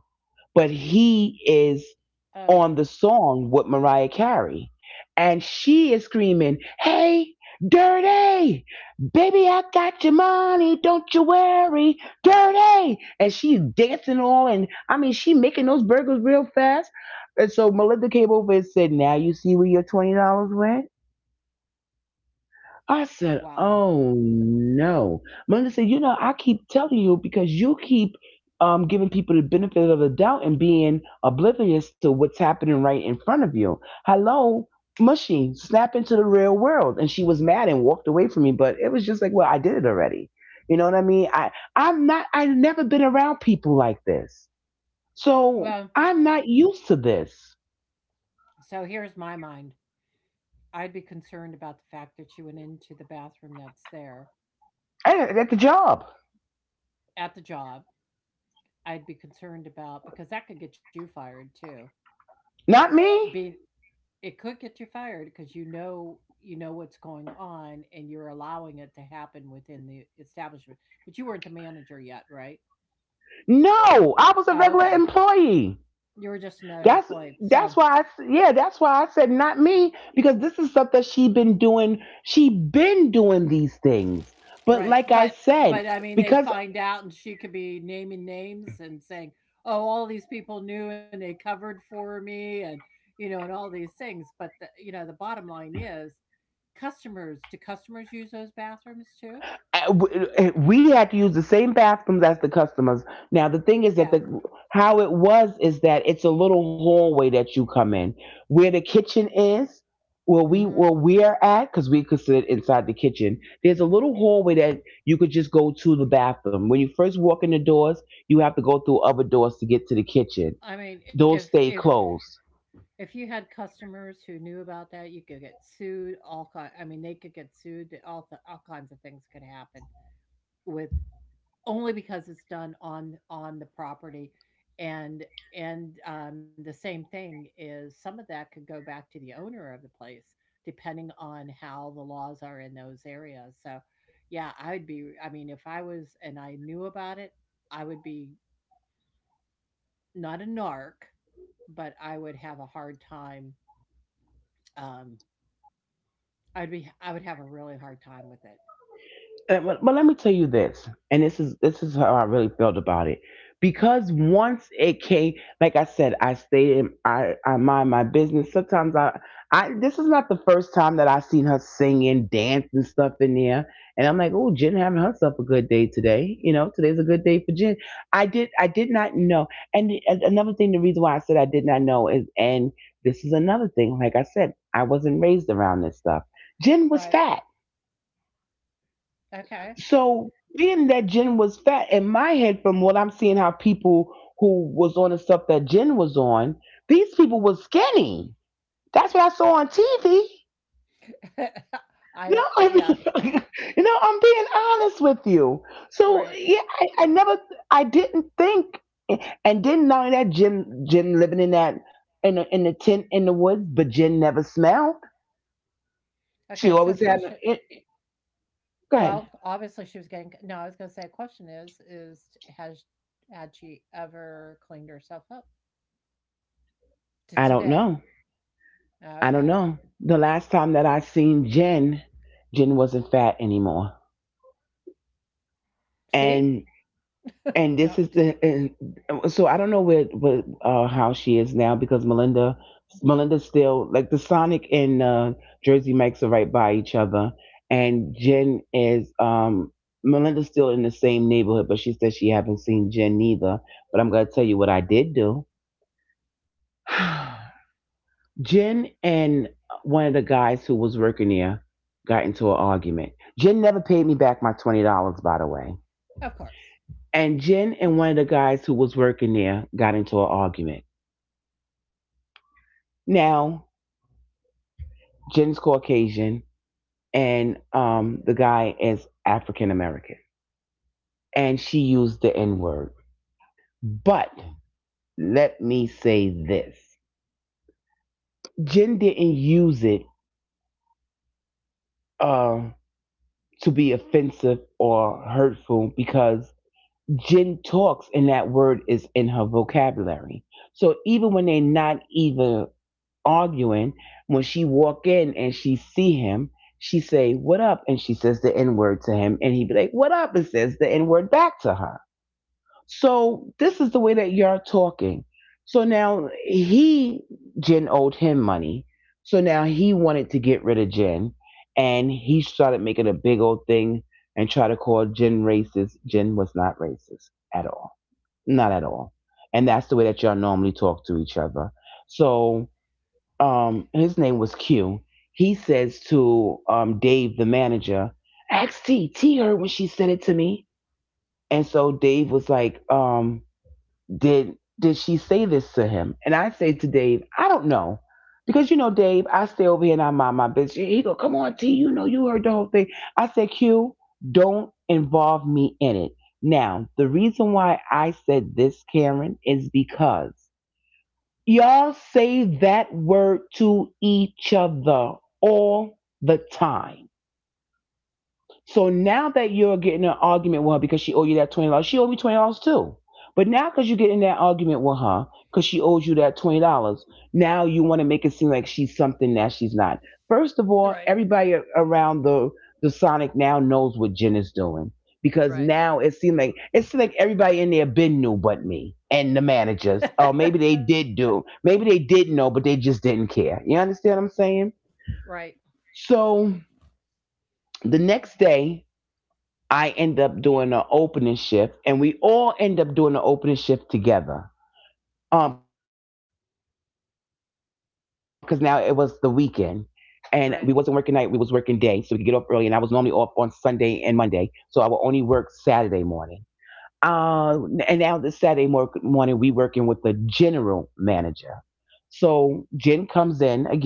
Speaker 1: but he is
Speaker 2: Oh,
Speaker 1: on the song with Mariah Carey. And she is screaming, "Hey, Dirty, baby, I got your money. Don't you worry, Dirty." And she's dancing all, and I mean, she making those burgers real fast. And so Melinda came over and said, "Now you see where your $20 went?" I
Speaker 2: wow.
Speaker 1: said, "Oh no, Melinda said, you know, I keep telling you because you keep giving people the benefit of the doubt and being oblivious to what's happening right in front of you. Hello, mushy, snap into the real world." And she was mad and walked away from me. But it was just like, well, I did it already. You know what I mean? I'm not. I've never been around people like this, so
Speaker 2: Well,
Speaker 1: I'm not used to this.
Speaker 2: so here's my mind. I'd be concerned about the fact that she went into the bathroom that's there
Speaker 1: I- At the job,
Speaker 2: at the job. I'd be concerned about because that could get you fired too.
Speaker 1: not me.
Speaker 2: Being it could get you fired because you know what's going on and you're allowing it to happen within the establishment. But you weren't the manager yet, right?
Speaker 1: No, I was a
Speaker 2: Oh,
Speaker 1: regular
Speaker 2: okay.
Speaker 1: employee.
Speaker 2: You were just another
Speaker 1: That's
Speaker 2: employee. So
Speaker 1: that's why yeah, that's why I said not me because this is stuff that she been doing. She been doing these things. But
Speaker 2: right,
Speaker 1: like I said,
Speaker 2: but I mean, they
Speaker 1: because.
Speaker 2: find out, and she could be naming names and saying, "Oh, all these people knew, and they covered for me," and you know, and all these things. But the you know, the bottom line is, customers do customers use those bathrooms too?
Speaker 1: Uh, we had to use the same bathrooms as the customers. Now the thing is that the
Speaker 2: Yeah.
Speaker 1: how it was is that it's a little hallway that you come in where the kitchen is.
Speaker 2: Hmm.
Speaker 1: Where we're at, because we could sit inside the kitchen. There's a little hallway that you could just go to the bathroom. When you first walk in the doors, you have to go through other doors to get to the kitchen.
Speaker 2: I mean, if
Speaker 1: Those
Speaker 2: if
Speaker 1: stay closed.
Speaker 2: if you had customers who knew about that, you could get sued. All kind. I mean, they could get sued. All th- all kinds of things could happen with only because it's done on the property, and the same thing is some of that could go back to the owner of the place, depending on how the laws are in those areas, so, yeah, I'd be I mean, if I was and I knew about it, I would be not a narc, but I would have a hard time, um, I'd be I would have a really hard time with it.
Speaker 1: But let me tell you this, and this is how I really felt about it, because once it came, like I said, I stayed in, I mind my business. Sometimes I this is not the first time that I've seen her singing, dancing stuff in there, and I'm like, oh, Jen having herself a good day today. You know, today's a good day for Jen. I did not know, and and another thing, the reason why I said I did not know is, and this is another thing, like I said, I wasn't raised around this stuff. Jen was
Speaker 2: Right.
Speaker 1: fat.
Speaker 2: Okay.
Speaker 1: So being that Jen was fat, in my head, from what I'm seeing, how people who was on the stuff that Jen was on, these people was skinny. That's what I saw on TV.
Speaker 2: I
Speaker 1: No,
Speaker 2: don't
Speaker 1: I
Speaker 2: yeah,
Speaker 1: mean, you know, I'm being honest with you. So
Speaker 2: right.
Speaker 1: yeah, I never, I didn't think, and didn't know that Jen, living in that in the tent in the woods, but Jen never smelled.
Speaker 2: Okay, so
Speaker 1: She always
Speaker 2: question.
Speaker 1: had. It, go
Speaker 2: Well,
Speaker 1: ahead.
Speaker 2: obviously she was getting no, I was gonna say a question is has had she ever cleaned herself up to
Speaker 1: I
Speaker 2: today?
Speaker 1: don't know. I
Speaker 2: Okay.
Speaker 1: don't know. The last time that I seen Jen, Jen wasn't fat anymore.
Speaker 2: See?
Speaker 1: And and
Speaker 2: No,
Speaker 1: this is the and, so I don't know where how she is now because Melinda's still like the Sonic and Jersey Mike's are right by each other, and Jen is Melinda's still in the same neighborhood, but she said she haven't seen Jen neither. But I'm gonna tell you what I did do. Jen and one of the guys who was working there got into an argument. Jen never paid me back my $20, by the way.
Speaker 2: of course.
Speaker 1: And Jen and one of the guys who was working there got into an argument. Now Jen's Caucasian and the guy is African American, and she used the N word. But let me say this: Jen didn't use it uh, to be offensive or hurtful because Jen talks, and that word is in her vocabulary. So even when they're not even arguing, when she walk in and she see him, she say, "What up?" and she says the n word to him, and he be like, "What up?" and says the n word back to her. So this is the way that you're talking. So now he Jen owed him money. So now he wanted to get rid of Jen, and he started making a big old thing and try to call Jen racist. Jen was not racist at all, not at all. And that's the way that y'all normally talk to each other. So his name was Q. He says to Dave, the manager, ask T, her when she sent it to me. And so Dave was like, did she say this to him? And I say to Dave, I don't know. Because you know, Dave, I stay over here and I mind my business. He go, come on, T, you know you heard the whole thing. I said, Q, don't involve me in it. Now, the reason why I said this, Karen, is because y'all say that word to each other all the time. So now that you're getting an argument with her because she owed you that $20, she owed me $20 too. But now because you get in that argument with her because she owes you that $20, now you want to make it seem like she's something that she's not. First of
Speaker 2: Right.
Speaker 1: all, everybody around the Sonic now knows what Jen is doing because
Speaker 2: Right.
Speaker 1: now it seemed like everybody in there been knew but me and the managers. Oh, maybe they did do, maybe they did know, but they just didn't care. You understand what I'm saying?
Speaker 2: Right,
Speaker 1: So the next day I end up doing an opening shift, and we all end up doing an opening shift together. Because now it was the weekend, and we wasn't working night; we was working day, so we could get off
Speaker 2: right,
Speaker 1: early. And I was normally off on Sunday and Monday, so I would only work Saturday morning. Uh, and now this Saturday morning, we working with the general manager. So Jen comes in again,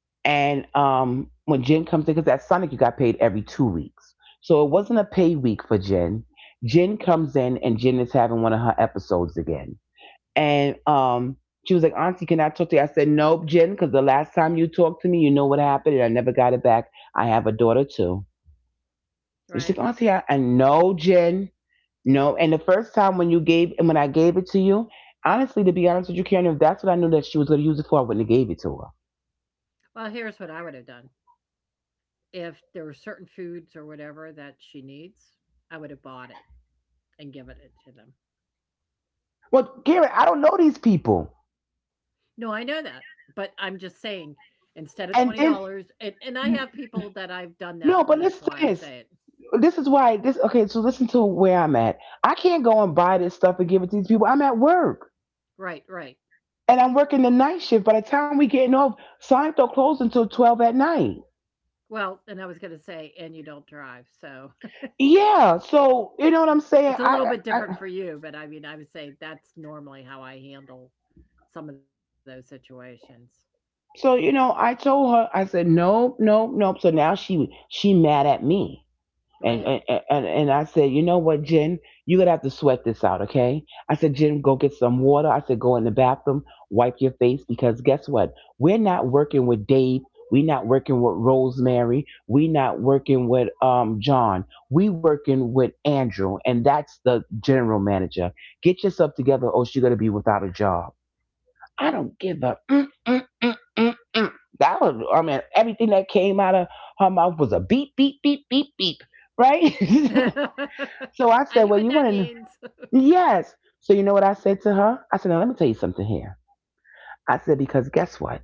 Speaker 1: and when Jen comes in, because at Sonic you got paid every 2 weeks, so it wasn't a pay week for Jen. Jen comes in and Jen is having one of her episodes again, and she was like, "Auntie, can I talk to you?" I said, "Nope, Jen, because the last time you talked to me, you know what happened, and I never got it back. I have a daughter too." And she's
Speaker 2: right.
Speaker 1: like, "Auntie, I know Jen, no." And the first time when you gave and when I gave it to you, honestly, to be honest with you, Karen, if that's what I knew that she was going to use it for, I wouldn't have gave it to her.
Speaker 2: Well, here's what I would have done. If there were certain foods or whatever that she needs, I would have bought it and given it to them.
Speaker 1: Well, Garrett, I don't know these people.
Speaker 2: No, I know that, but I'm just saying instead of
Speaker 1: And then
Speaker 2: $20 and I have people that I've done that for.
Speaker 1: no, but
Speaker 2: That's
Speaker 1: listen
Speaker 2: why I
Speaker 1: to this.
Speaker 2: say it.
Speaker 1: This is why this okay, so listen to where I'm at. I can't go and buy this stuff and give it to these people. I'm at work.
Speaker 2: Right.
Speaker 1: And I'm working the night shift. By the time we getting off, Sonic don't close until 12 at night.
Speaker 2: Well, and I was gonna say, and you don't drive, so
Speaker 1: Yeah. So you know what I'm saying?
Speaker 2: it's a little bit
Speaker 1: I
Speaker 2: different for you, but I mean, I would say that's normally how I handle some of those situations.
Speaker 1: so you know, I told her, I said, Nope, nope, nope. So now she mad at me. And
Speaker 2: Right.
Speaker 1: and, and I said, you know what, Jen, you're gonna have to sweat this out, okay? I said, Jen, go get some water. I said, go in the bathroom, wipe your face, because guess what? We're not working with Dave. We're not working with Rosemary. We're not working with John. We working with Andrew, and that's the general manager. Get yourself together, or she's gonna be without a job. I don't give a mm, mm, mm, mm, mm. That was, I mean, everything that came out of her mouth was a beep, beep, beep, beep, beep, right? so I
Speaker 2: I
Speaker 1: said,
Speaker 2: know
Speaker 1: Well,
Speaker 2: what
Speaker 1: you
Speaker 2: that
Speaker 1: want to,
Speaker 2: means.
Speaker 1: yes. So you know what I said to her? I said, Now let me tell you something here. I said, Because guess what?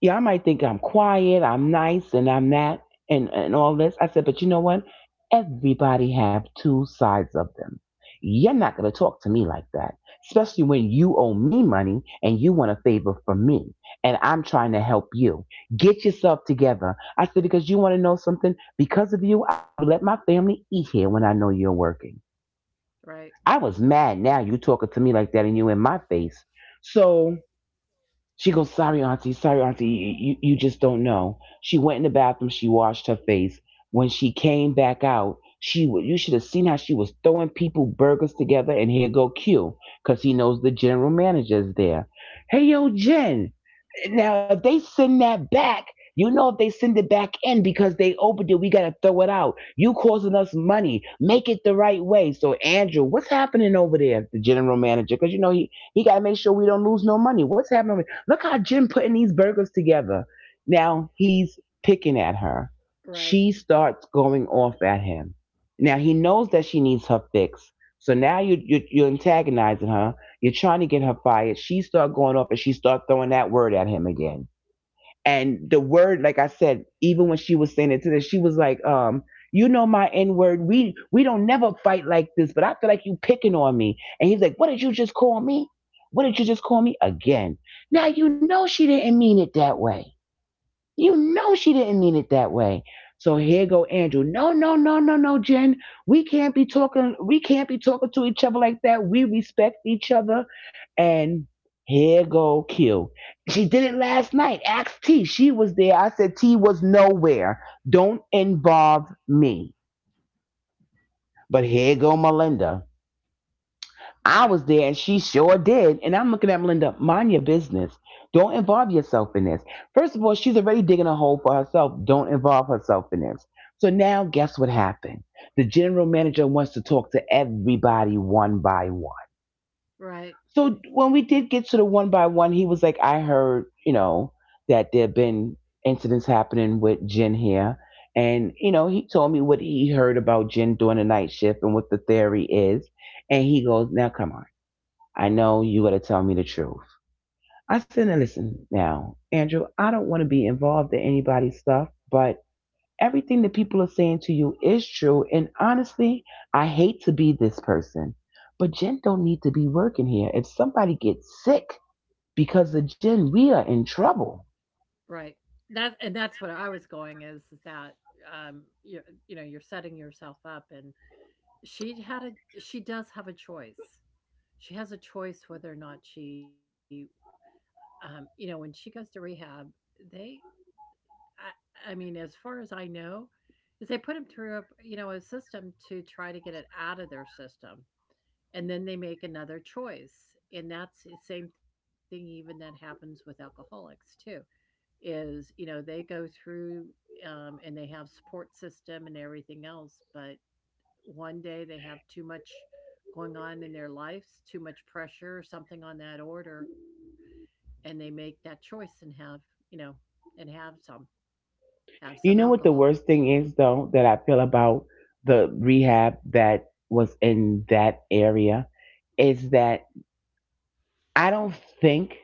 Speaker 1: Y'all might think I'm quiet, I'm nice, and I'm that, and all this. I said, but you know what? Everybody have two sides of them. You're not going to talk to me like that, especially when you owe me money and you want a favor from me, and I'm trying to help you. Get yourself together. I said, because you want to know something? Because of you, I don't even let my family eat here when I know you're working.
Speaker 2: Right,
Speaker 1: I was mad now you talking to me like that and you in my face. So she goes, sorry, Auntie, you just don't know. She went in the bathroom, she washed her face. When she came back out, you should have seen how she was throwing people burgers together and here go Q, cause he knows the general manager's there. Hey yo, Jen, now, if they send that back, you know, if they send it back in because they opened it, we got to throw it out. You causing us money. Make it the right way. So, Andrew, what's happening over there, the general manager? Because, you know, he got to make sure we don't lose no money. What's happening? Over there? Look how Jim putting these burgers together. Now, he's picking at her.
Speaker 2: right,
Speaker 1: She starts going off at him. Now, he knows that she needs her fix. So now you're antagonizing her, you're trying to get her fired. She start going off and she start throwing that word at him again. And the word, like I said, even when she was saying it to this, she was like, you know, my N word. We don't never fight like this, but I feel like you picking on me. And he's like, what did you just call me? What did you just call me? Again. Now you know she didn't mean it that way. You know she didn't mean it that way. So here go Andrew. No, no, no, no, no, Jen. We can't be talking to each other like that. We respect each other. And here go Q. She did it last night. Ask T. She was there. I said T was nowhere. Don't involve me. But here go Melinda. I
Speaker 2: right,
Speaker 1: was there and she sure did. And I'm looking at Melinda, mind your business. Don't involve yourself in this. First of all, she's already digging a hole for herself. Don't involve herself in this. So now, guess what happened? The general manager wants to talk to everybody one by one.
Speaker 2: right,
Speaker 1: So when we did get to the one by one, he was like, I heard, you know, that there have been incidents happening with Jen here. And, you know, he told me what he heard about Jen doing the night shift and what the theory is. And he goes, now come on. I know you gotta tell me the truth. I said, now listen, now, Andrew, I don't want to be involved in anybody's stuff, but everything that people are saying to you is true. And honestly, I hate to be this person, but Jen don't need to be working here. If somebody gets sick because of Jen, we are in trouble.
Speaker 2: right. That and that's what I was going is that you you know, you're setting yourself up and she had a she does have a choice. She has a choice whether or not she you know, when she goes to rehab, they I mean, as far as I know, is they put them through a, you know, a system to try to get it out of their system. And then they make another choice. And that's the same thing even that happens with alcoholics too, is, you know, they go through and they have support system and everything else, but one day they have too much going on in their lives, too much pressure, something on that order, and they make that choice and have, you know, and have
Speaker 1: You
Speaker 2: some
Speaker 1: know what the
Speaker 2: alcohol.
Speaker 1: worst thing is though that I feel about the rehab that was in that area is that I don't think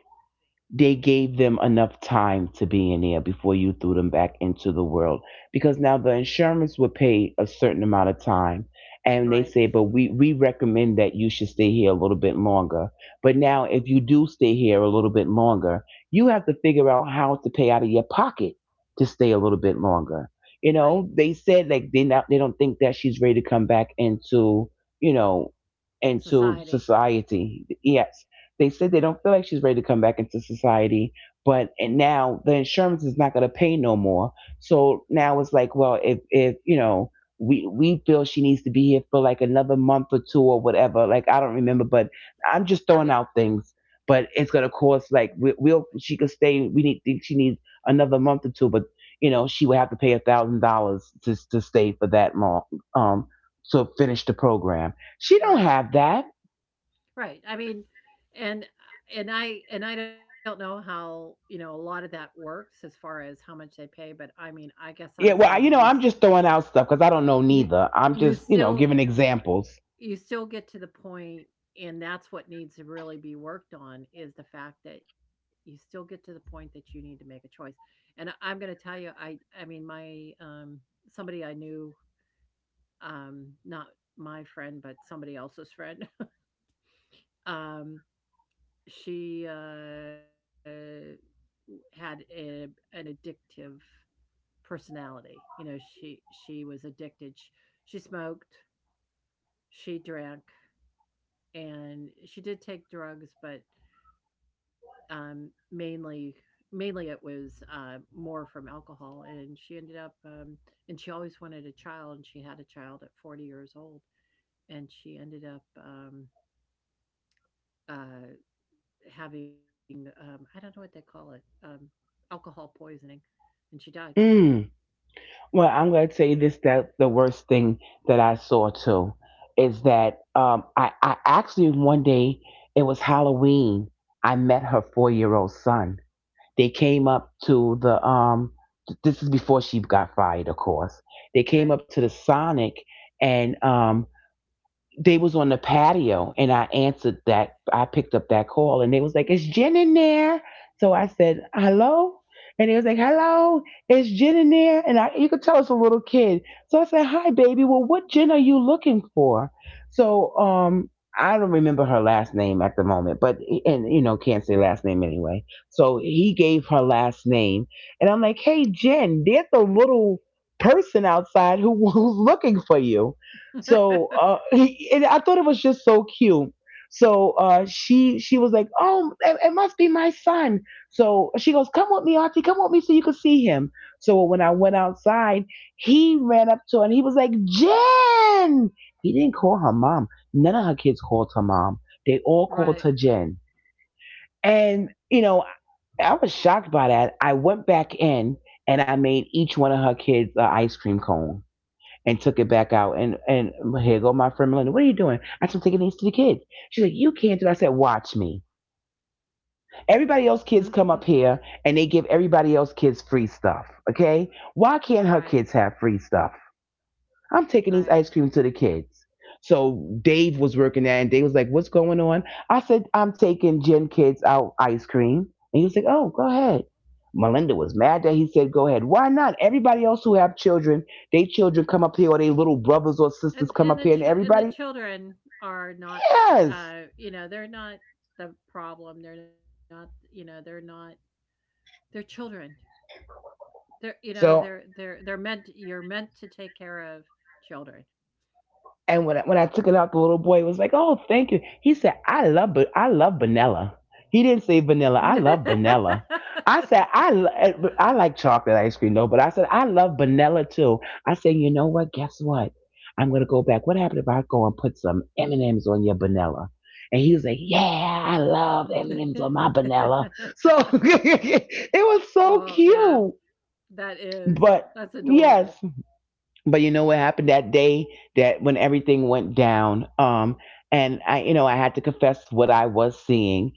Speaker 1: they gave them enough time to be in there before you threw them back into the world, because now the insurance would pay a certain amount of time, and they
Speaker 2: Right,
Speaker 1: say, but we recommend that you should stay here a little bit longer. But now if you do stay here a little bit longer, you have to figure out how to pay out of your pocket to stay a little bit longer. You
Speaker 2: right.
Speaker 1: know, they said, like, they don't think that she's ready to come back into, you know, into
Speaker 2: Society.
Speaker 1: society. Yes, they said they don't feel like she's ready to come back into society, but and now the insurance is not going to pay no more. So now it's like, well, if you know we feel she needs to be here for like another month or two or whatever. Like I don't remember, but I'm just throwing
Speaker 2: Right,
Speaker 1: out things. But it's going to cost like we'll she could stay. We need think she needs another month or two, but you know she would have to pay $1,000 to stay for that long. Um, to finish the program. She don't
Speaker 2: right,
Speaker 1: have that.
Speaker 2: right. I mean, and and I don't know how you know a lot of that works as far as how much they pay, but I mean, I guess I'm
Speaker 1: Yeah, well,
Speaker 2: saying
Speaker 1: you
Speaker 2: you
Speaker 1: know,
Speaker 2: s-
Speaker 1: I'm just throwing out stuff because I don't know
Speaker 2: you
Speaker 1: neither. I'm
Speaker 2: you
Speaker 1: just, you know,
Speaker 2: still
Speaker 1: giving examples.
Speaker 2: you still get to the point and that's what needs to really be worked on is the fact that you still get to the point that you need to make a choice. And I'm gonna tell you, I mean, my, somebody I knew, not my friend, but somebody else's friend, um, she, had a an addictive personality. You know, she was addicted. Sh she smoked, she drank, and she did take drugs, but Um, mainly mainly it was, more from alcohol, and she ended up, and she always wanted a child, and she had a child at 40 years old, and she ended up, uh, having, I don't know what they call it, alcohol poisoning, and she died,
Speaker 1: Mm. Well, I'm going to tell you this that the worst thing that I saw too is that I actually one day, it was Halloween, I met her 4-year-old old son. They came up to the this is before she got fired, of course. They came
Speaker 2: right?
Speaker 1: up to the Sonic and they was on the patio, and I answered that I picked up that call, and they was like, it's Jen in there. So I said, hello? And they was like, hello, it's Jen in there. And I you could tell it's a little kid. So I said, hi baby, well what Jen are you looking for? So I don't remember her last name at the moment, but and you know, can't say last name anyway. So he gave her last name, and I'm like, hey Jen, there's a little person outside who who's looking for you. So and I thought it was just so cute. So she was like, "Oh, it must be my son." So she goes, "Come with me, Auntie. Come with me, so you can see him." So when I went outside, he ran up to her and he was like, "Jen." He didn't call her mom. None of her kids called her mom. They
Speaker 2: Right.
Speaker 1: all called her Jen. And you know, I was shocked by that. I went back in and I made each one of her kids an ice cream cone and took it back out. And here go my friend Melinda. What are you doing? I said, I'm taking these to the kids. She's like, you can't do it. I said, watch me. Everybody else kids come up here and they give everybody else kids free stuff. Okay, why
Speaker 2: Right,
Speaker 1: can't her kids have free stuff? I'm
Speaker 2: right.
Speaker 1: taking these ice cream to the kids. So Dave was working there, and Dave was like, "What's going on?" I said, "I'm taking Jen kids out ice cream," and he was like, "Oh, go ahead." Melinda was mad that he said, "Go ahead." Why not? Everybody else who have children, they children come up here, or they little brothers or sisters come
Speaker 2: And
Speaker 1: up
Speaker 2: the
Speaker 1: here, and
Speaker 2: chi and the
Speaker 1: everybody
Speaker 2: children are not,
Speaker 1: yes.
Speaker 2: you know, they're not the problem, they're not you know, they're not they're children. They're you know,
Speaker 1: So
Speaker 2: they're meant you're meant to take care of children.
Speaker 1: And when when I took it out, the little boy was like, "Oh, thank you." He said, " I love vanilla." He didn't say vanilla. I love vanilla. I said, " I like chocolate ice cream though," but I said, "I love vanilla too." I said, "You know what? Guess what? I'm gonna go back. What happened if I go and put some M and M's on your vanilla?" And he was like, "Yeah, I love M and M's on my vanilla." So it was
Speaker 2: Oh,
Speaker 1: so
Speaker 2: yeah.
Speaker 1: cute,
Speaker 2: That is
Speaker 1: but.
Speaker 2: that's adorable.
Speaker 1: Yes, but you know what happened that day that when everything went down and I you know I had to confess what I was seeing.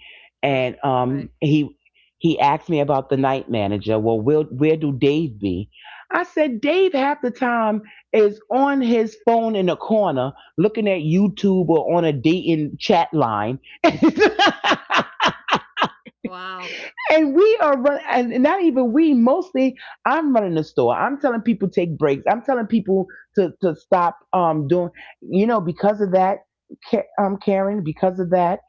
Speaker 2: Right.
Speaker 1: And he asked me about the night manager. Well, where do Dave be? I said Dave half the time is on his phone in the corner, looner looking at YouTube or on a dating chat line.
Speaker 2: Wow.
Speaker 1: And we are running, and not even we, mostly I'm running the store. I'm telling people take breaks. I'm telling people to stop doing, you know, because of that, Karen, because of that,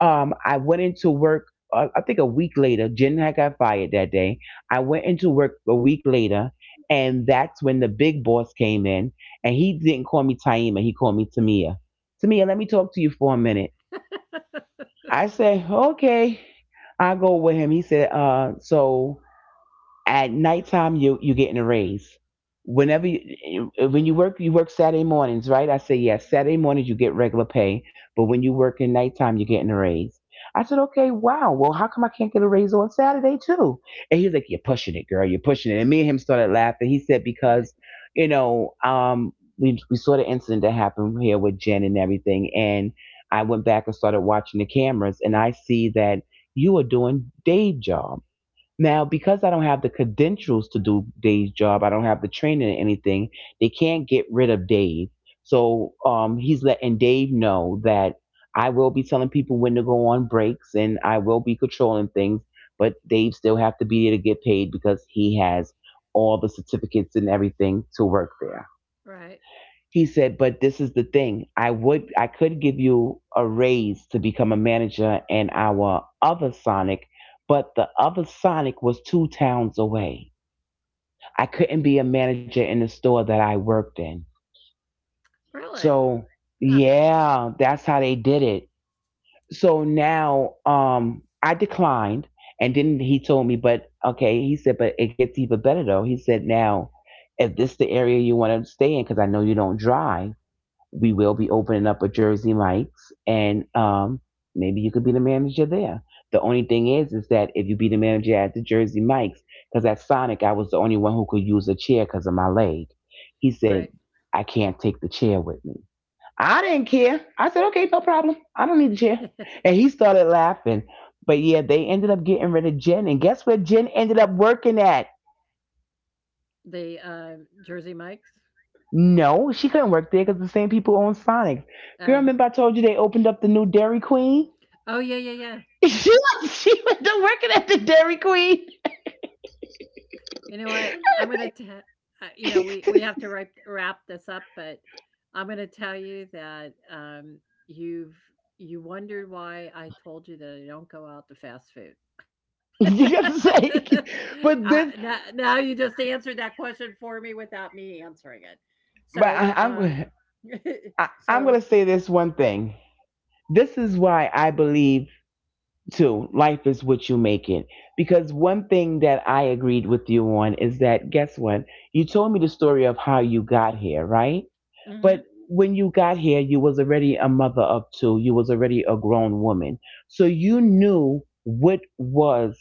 Speaker 1: I went into work, I think a week later. Jen had got fired that day. I went into work a week later, and that's when the big boss came in, and he didn't call me Taima, he called me Tamia. Tamia, let me talk to you for a minute. I said, okay, I go with him. He said, so at nighttime, you're getting a raise. Whenever you when you work Saturday mornings, right? I say yes. Saturday mornings you get regular pay, but when you work in nighttime, you're getting a raise. I said, okay, wow. Well, how come I can't get a raise on Saturday too? And he's like, you're pushing it, girl. You're pushing it. And me and him started laughing. He said
Speaker 2: Right.
Speaker 1: because, you know, we saw the incident that happened here with Jen and everything, and I went back and started watching the cameras, and I see that you are doing day jobs now, because I don't have the credentials to do Dave's job, I don't have the training or anything, they can't get rid of Dave. So he's letting Dave know that I will be telling people when to go on breaks and I will be controlling things, but Dave still have to be there to get paid because he has all the certificates and everything to work there.
Speaker 2: Right.
Speaker 1: He said, but this is the thing. I could give you a raise to become a manager in our other Sonic, but the other Sonic was two towns away. I couldn't be a manager in the store that I worked in.
Speaker 2: Really?
Speaker 1: So
Speaker 2: Huh.
Speaker 1: yeah, that's how they did it. So now I declined, and then he told me, but okay, he said, but it gets even better though. He said now if this the area you want to stay in, because I know you don't drive, we will be opening up a Jersey Mike's, and maybe you could be the manager there. The only thing is that if you be the manager at the Jersey Mike's, because at Sonic I was the only one who could use a chair because of my leg. He said,
Speaker 2: Right.
Speaker 1: "I can't take the chair with me." I didn't care. I said, "Okay, no problem. I don't need the chair." And he started laughing. But yeah, they ended up getting rid of Jen, and guess where Jen ended up working at?
Speaker 2: The, Jersey Mike's?
Speaker 1: No, she couldn't work there because the same people own Sonic. Girl,
Speaker 2: Oh.
Speaker 1: remember I told you they opened up the new Dairy Queen?
Speaker 2: Oh, yeah, yeah, yeah.
Speaker 1: She went to working at the Dairy Queen.
Speaker 2: You know what? I'm gonna te you know, we have to wrap this up, but I'm gonna tell you that, you've you wondered why I told you that I don't go out to fast food.
Speaker 1: You gotta say, but
Speaker 2: Now
Speaker 1: this,
Speaker 2: now you just answered that question for me without me answering it. So,
Speaker 1: I'm gonna- I'm
Speaker 2: so
Speaker 1: gonna say this one thing. This is why I believe too. Life is what you make it. Because one thing that I agreed with you on is that guess what? You told me the story of how you got here, right?
Speaker 2: mhm,
Speaker 1: But when you got here you was already a mother of two, you was already a grown woman, so you knew what was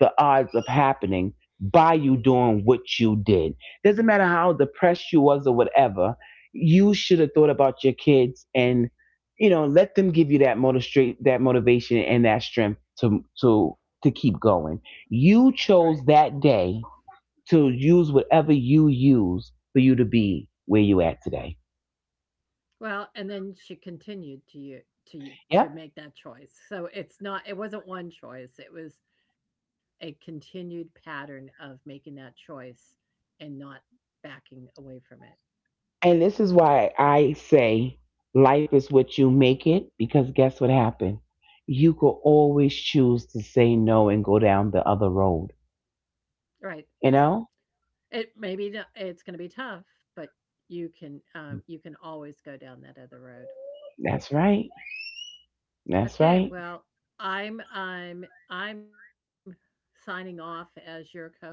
Speaker 1: the odds of happening by you doing what you did. Doesn't matter how depressed you was or whatever, you should have thought about your kids, and you know, let them give you that motivation, that motivation and that strength to keep going. You
Speaker 2: right.
Speaker 1: chose that day to use whatever you use for you to be where you at today.
Speaker 2: Well, and then she continued to you to to
Speaker 1: Yep.
Speaker 2: make that choice. So it's not it wasn't one choice, it was a continued pattern of making that choice and not backing away from it.
Speaker 1: And this is why I say life is what you make it, because guess what happened? You could always choose to say no and go down the other road.
Speaker 2: Right.
Speaker 1: You know?
Speaker 2: It maybe it's going to be tough, but you can always go down that other road.
Speaker 1: That's right. That's
Speaker 2: Okay,
Speaker 1: right.
Speaker 2: well, I'm I'm I'm signing off as your co-host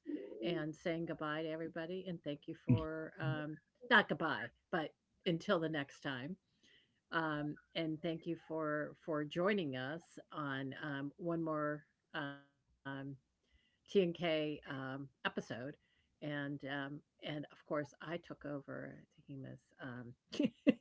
Speaker 2: and saying goodbye to everybody and thank you for not goodbye, but until the next time. And thank you for joining us on one more um, T&K episode. And of course, I took over. I think he was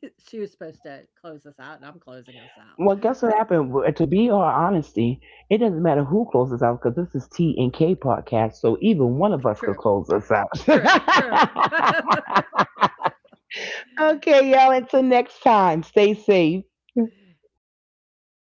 Speaker 2: she was supposed to close us out, and I'm closing us out.
Speaker 1: Well, guess what
Speaker 2: So
Speaker 1: happened? Well, to be all honesty, it doesn't matter who closes out because this is T and K podcast, so even one of
Speaker 2: true,
Speaker 1: us could close us out.
Speaker 2: true, true.
Speaker 1: Okay, y'all. Until next time, stay safe.
Speaker 2: And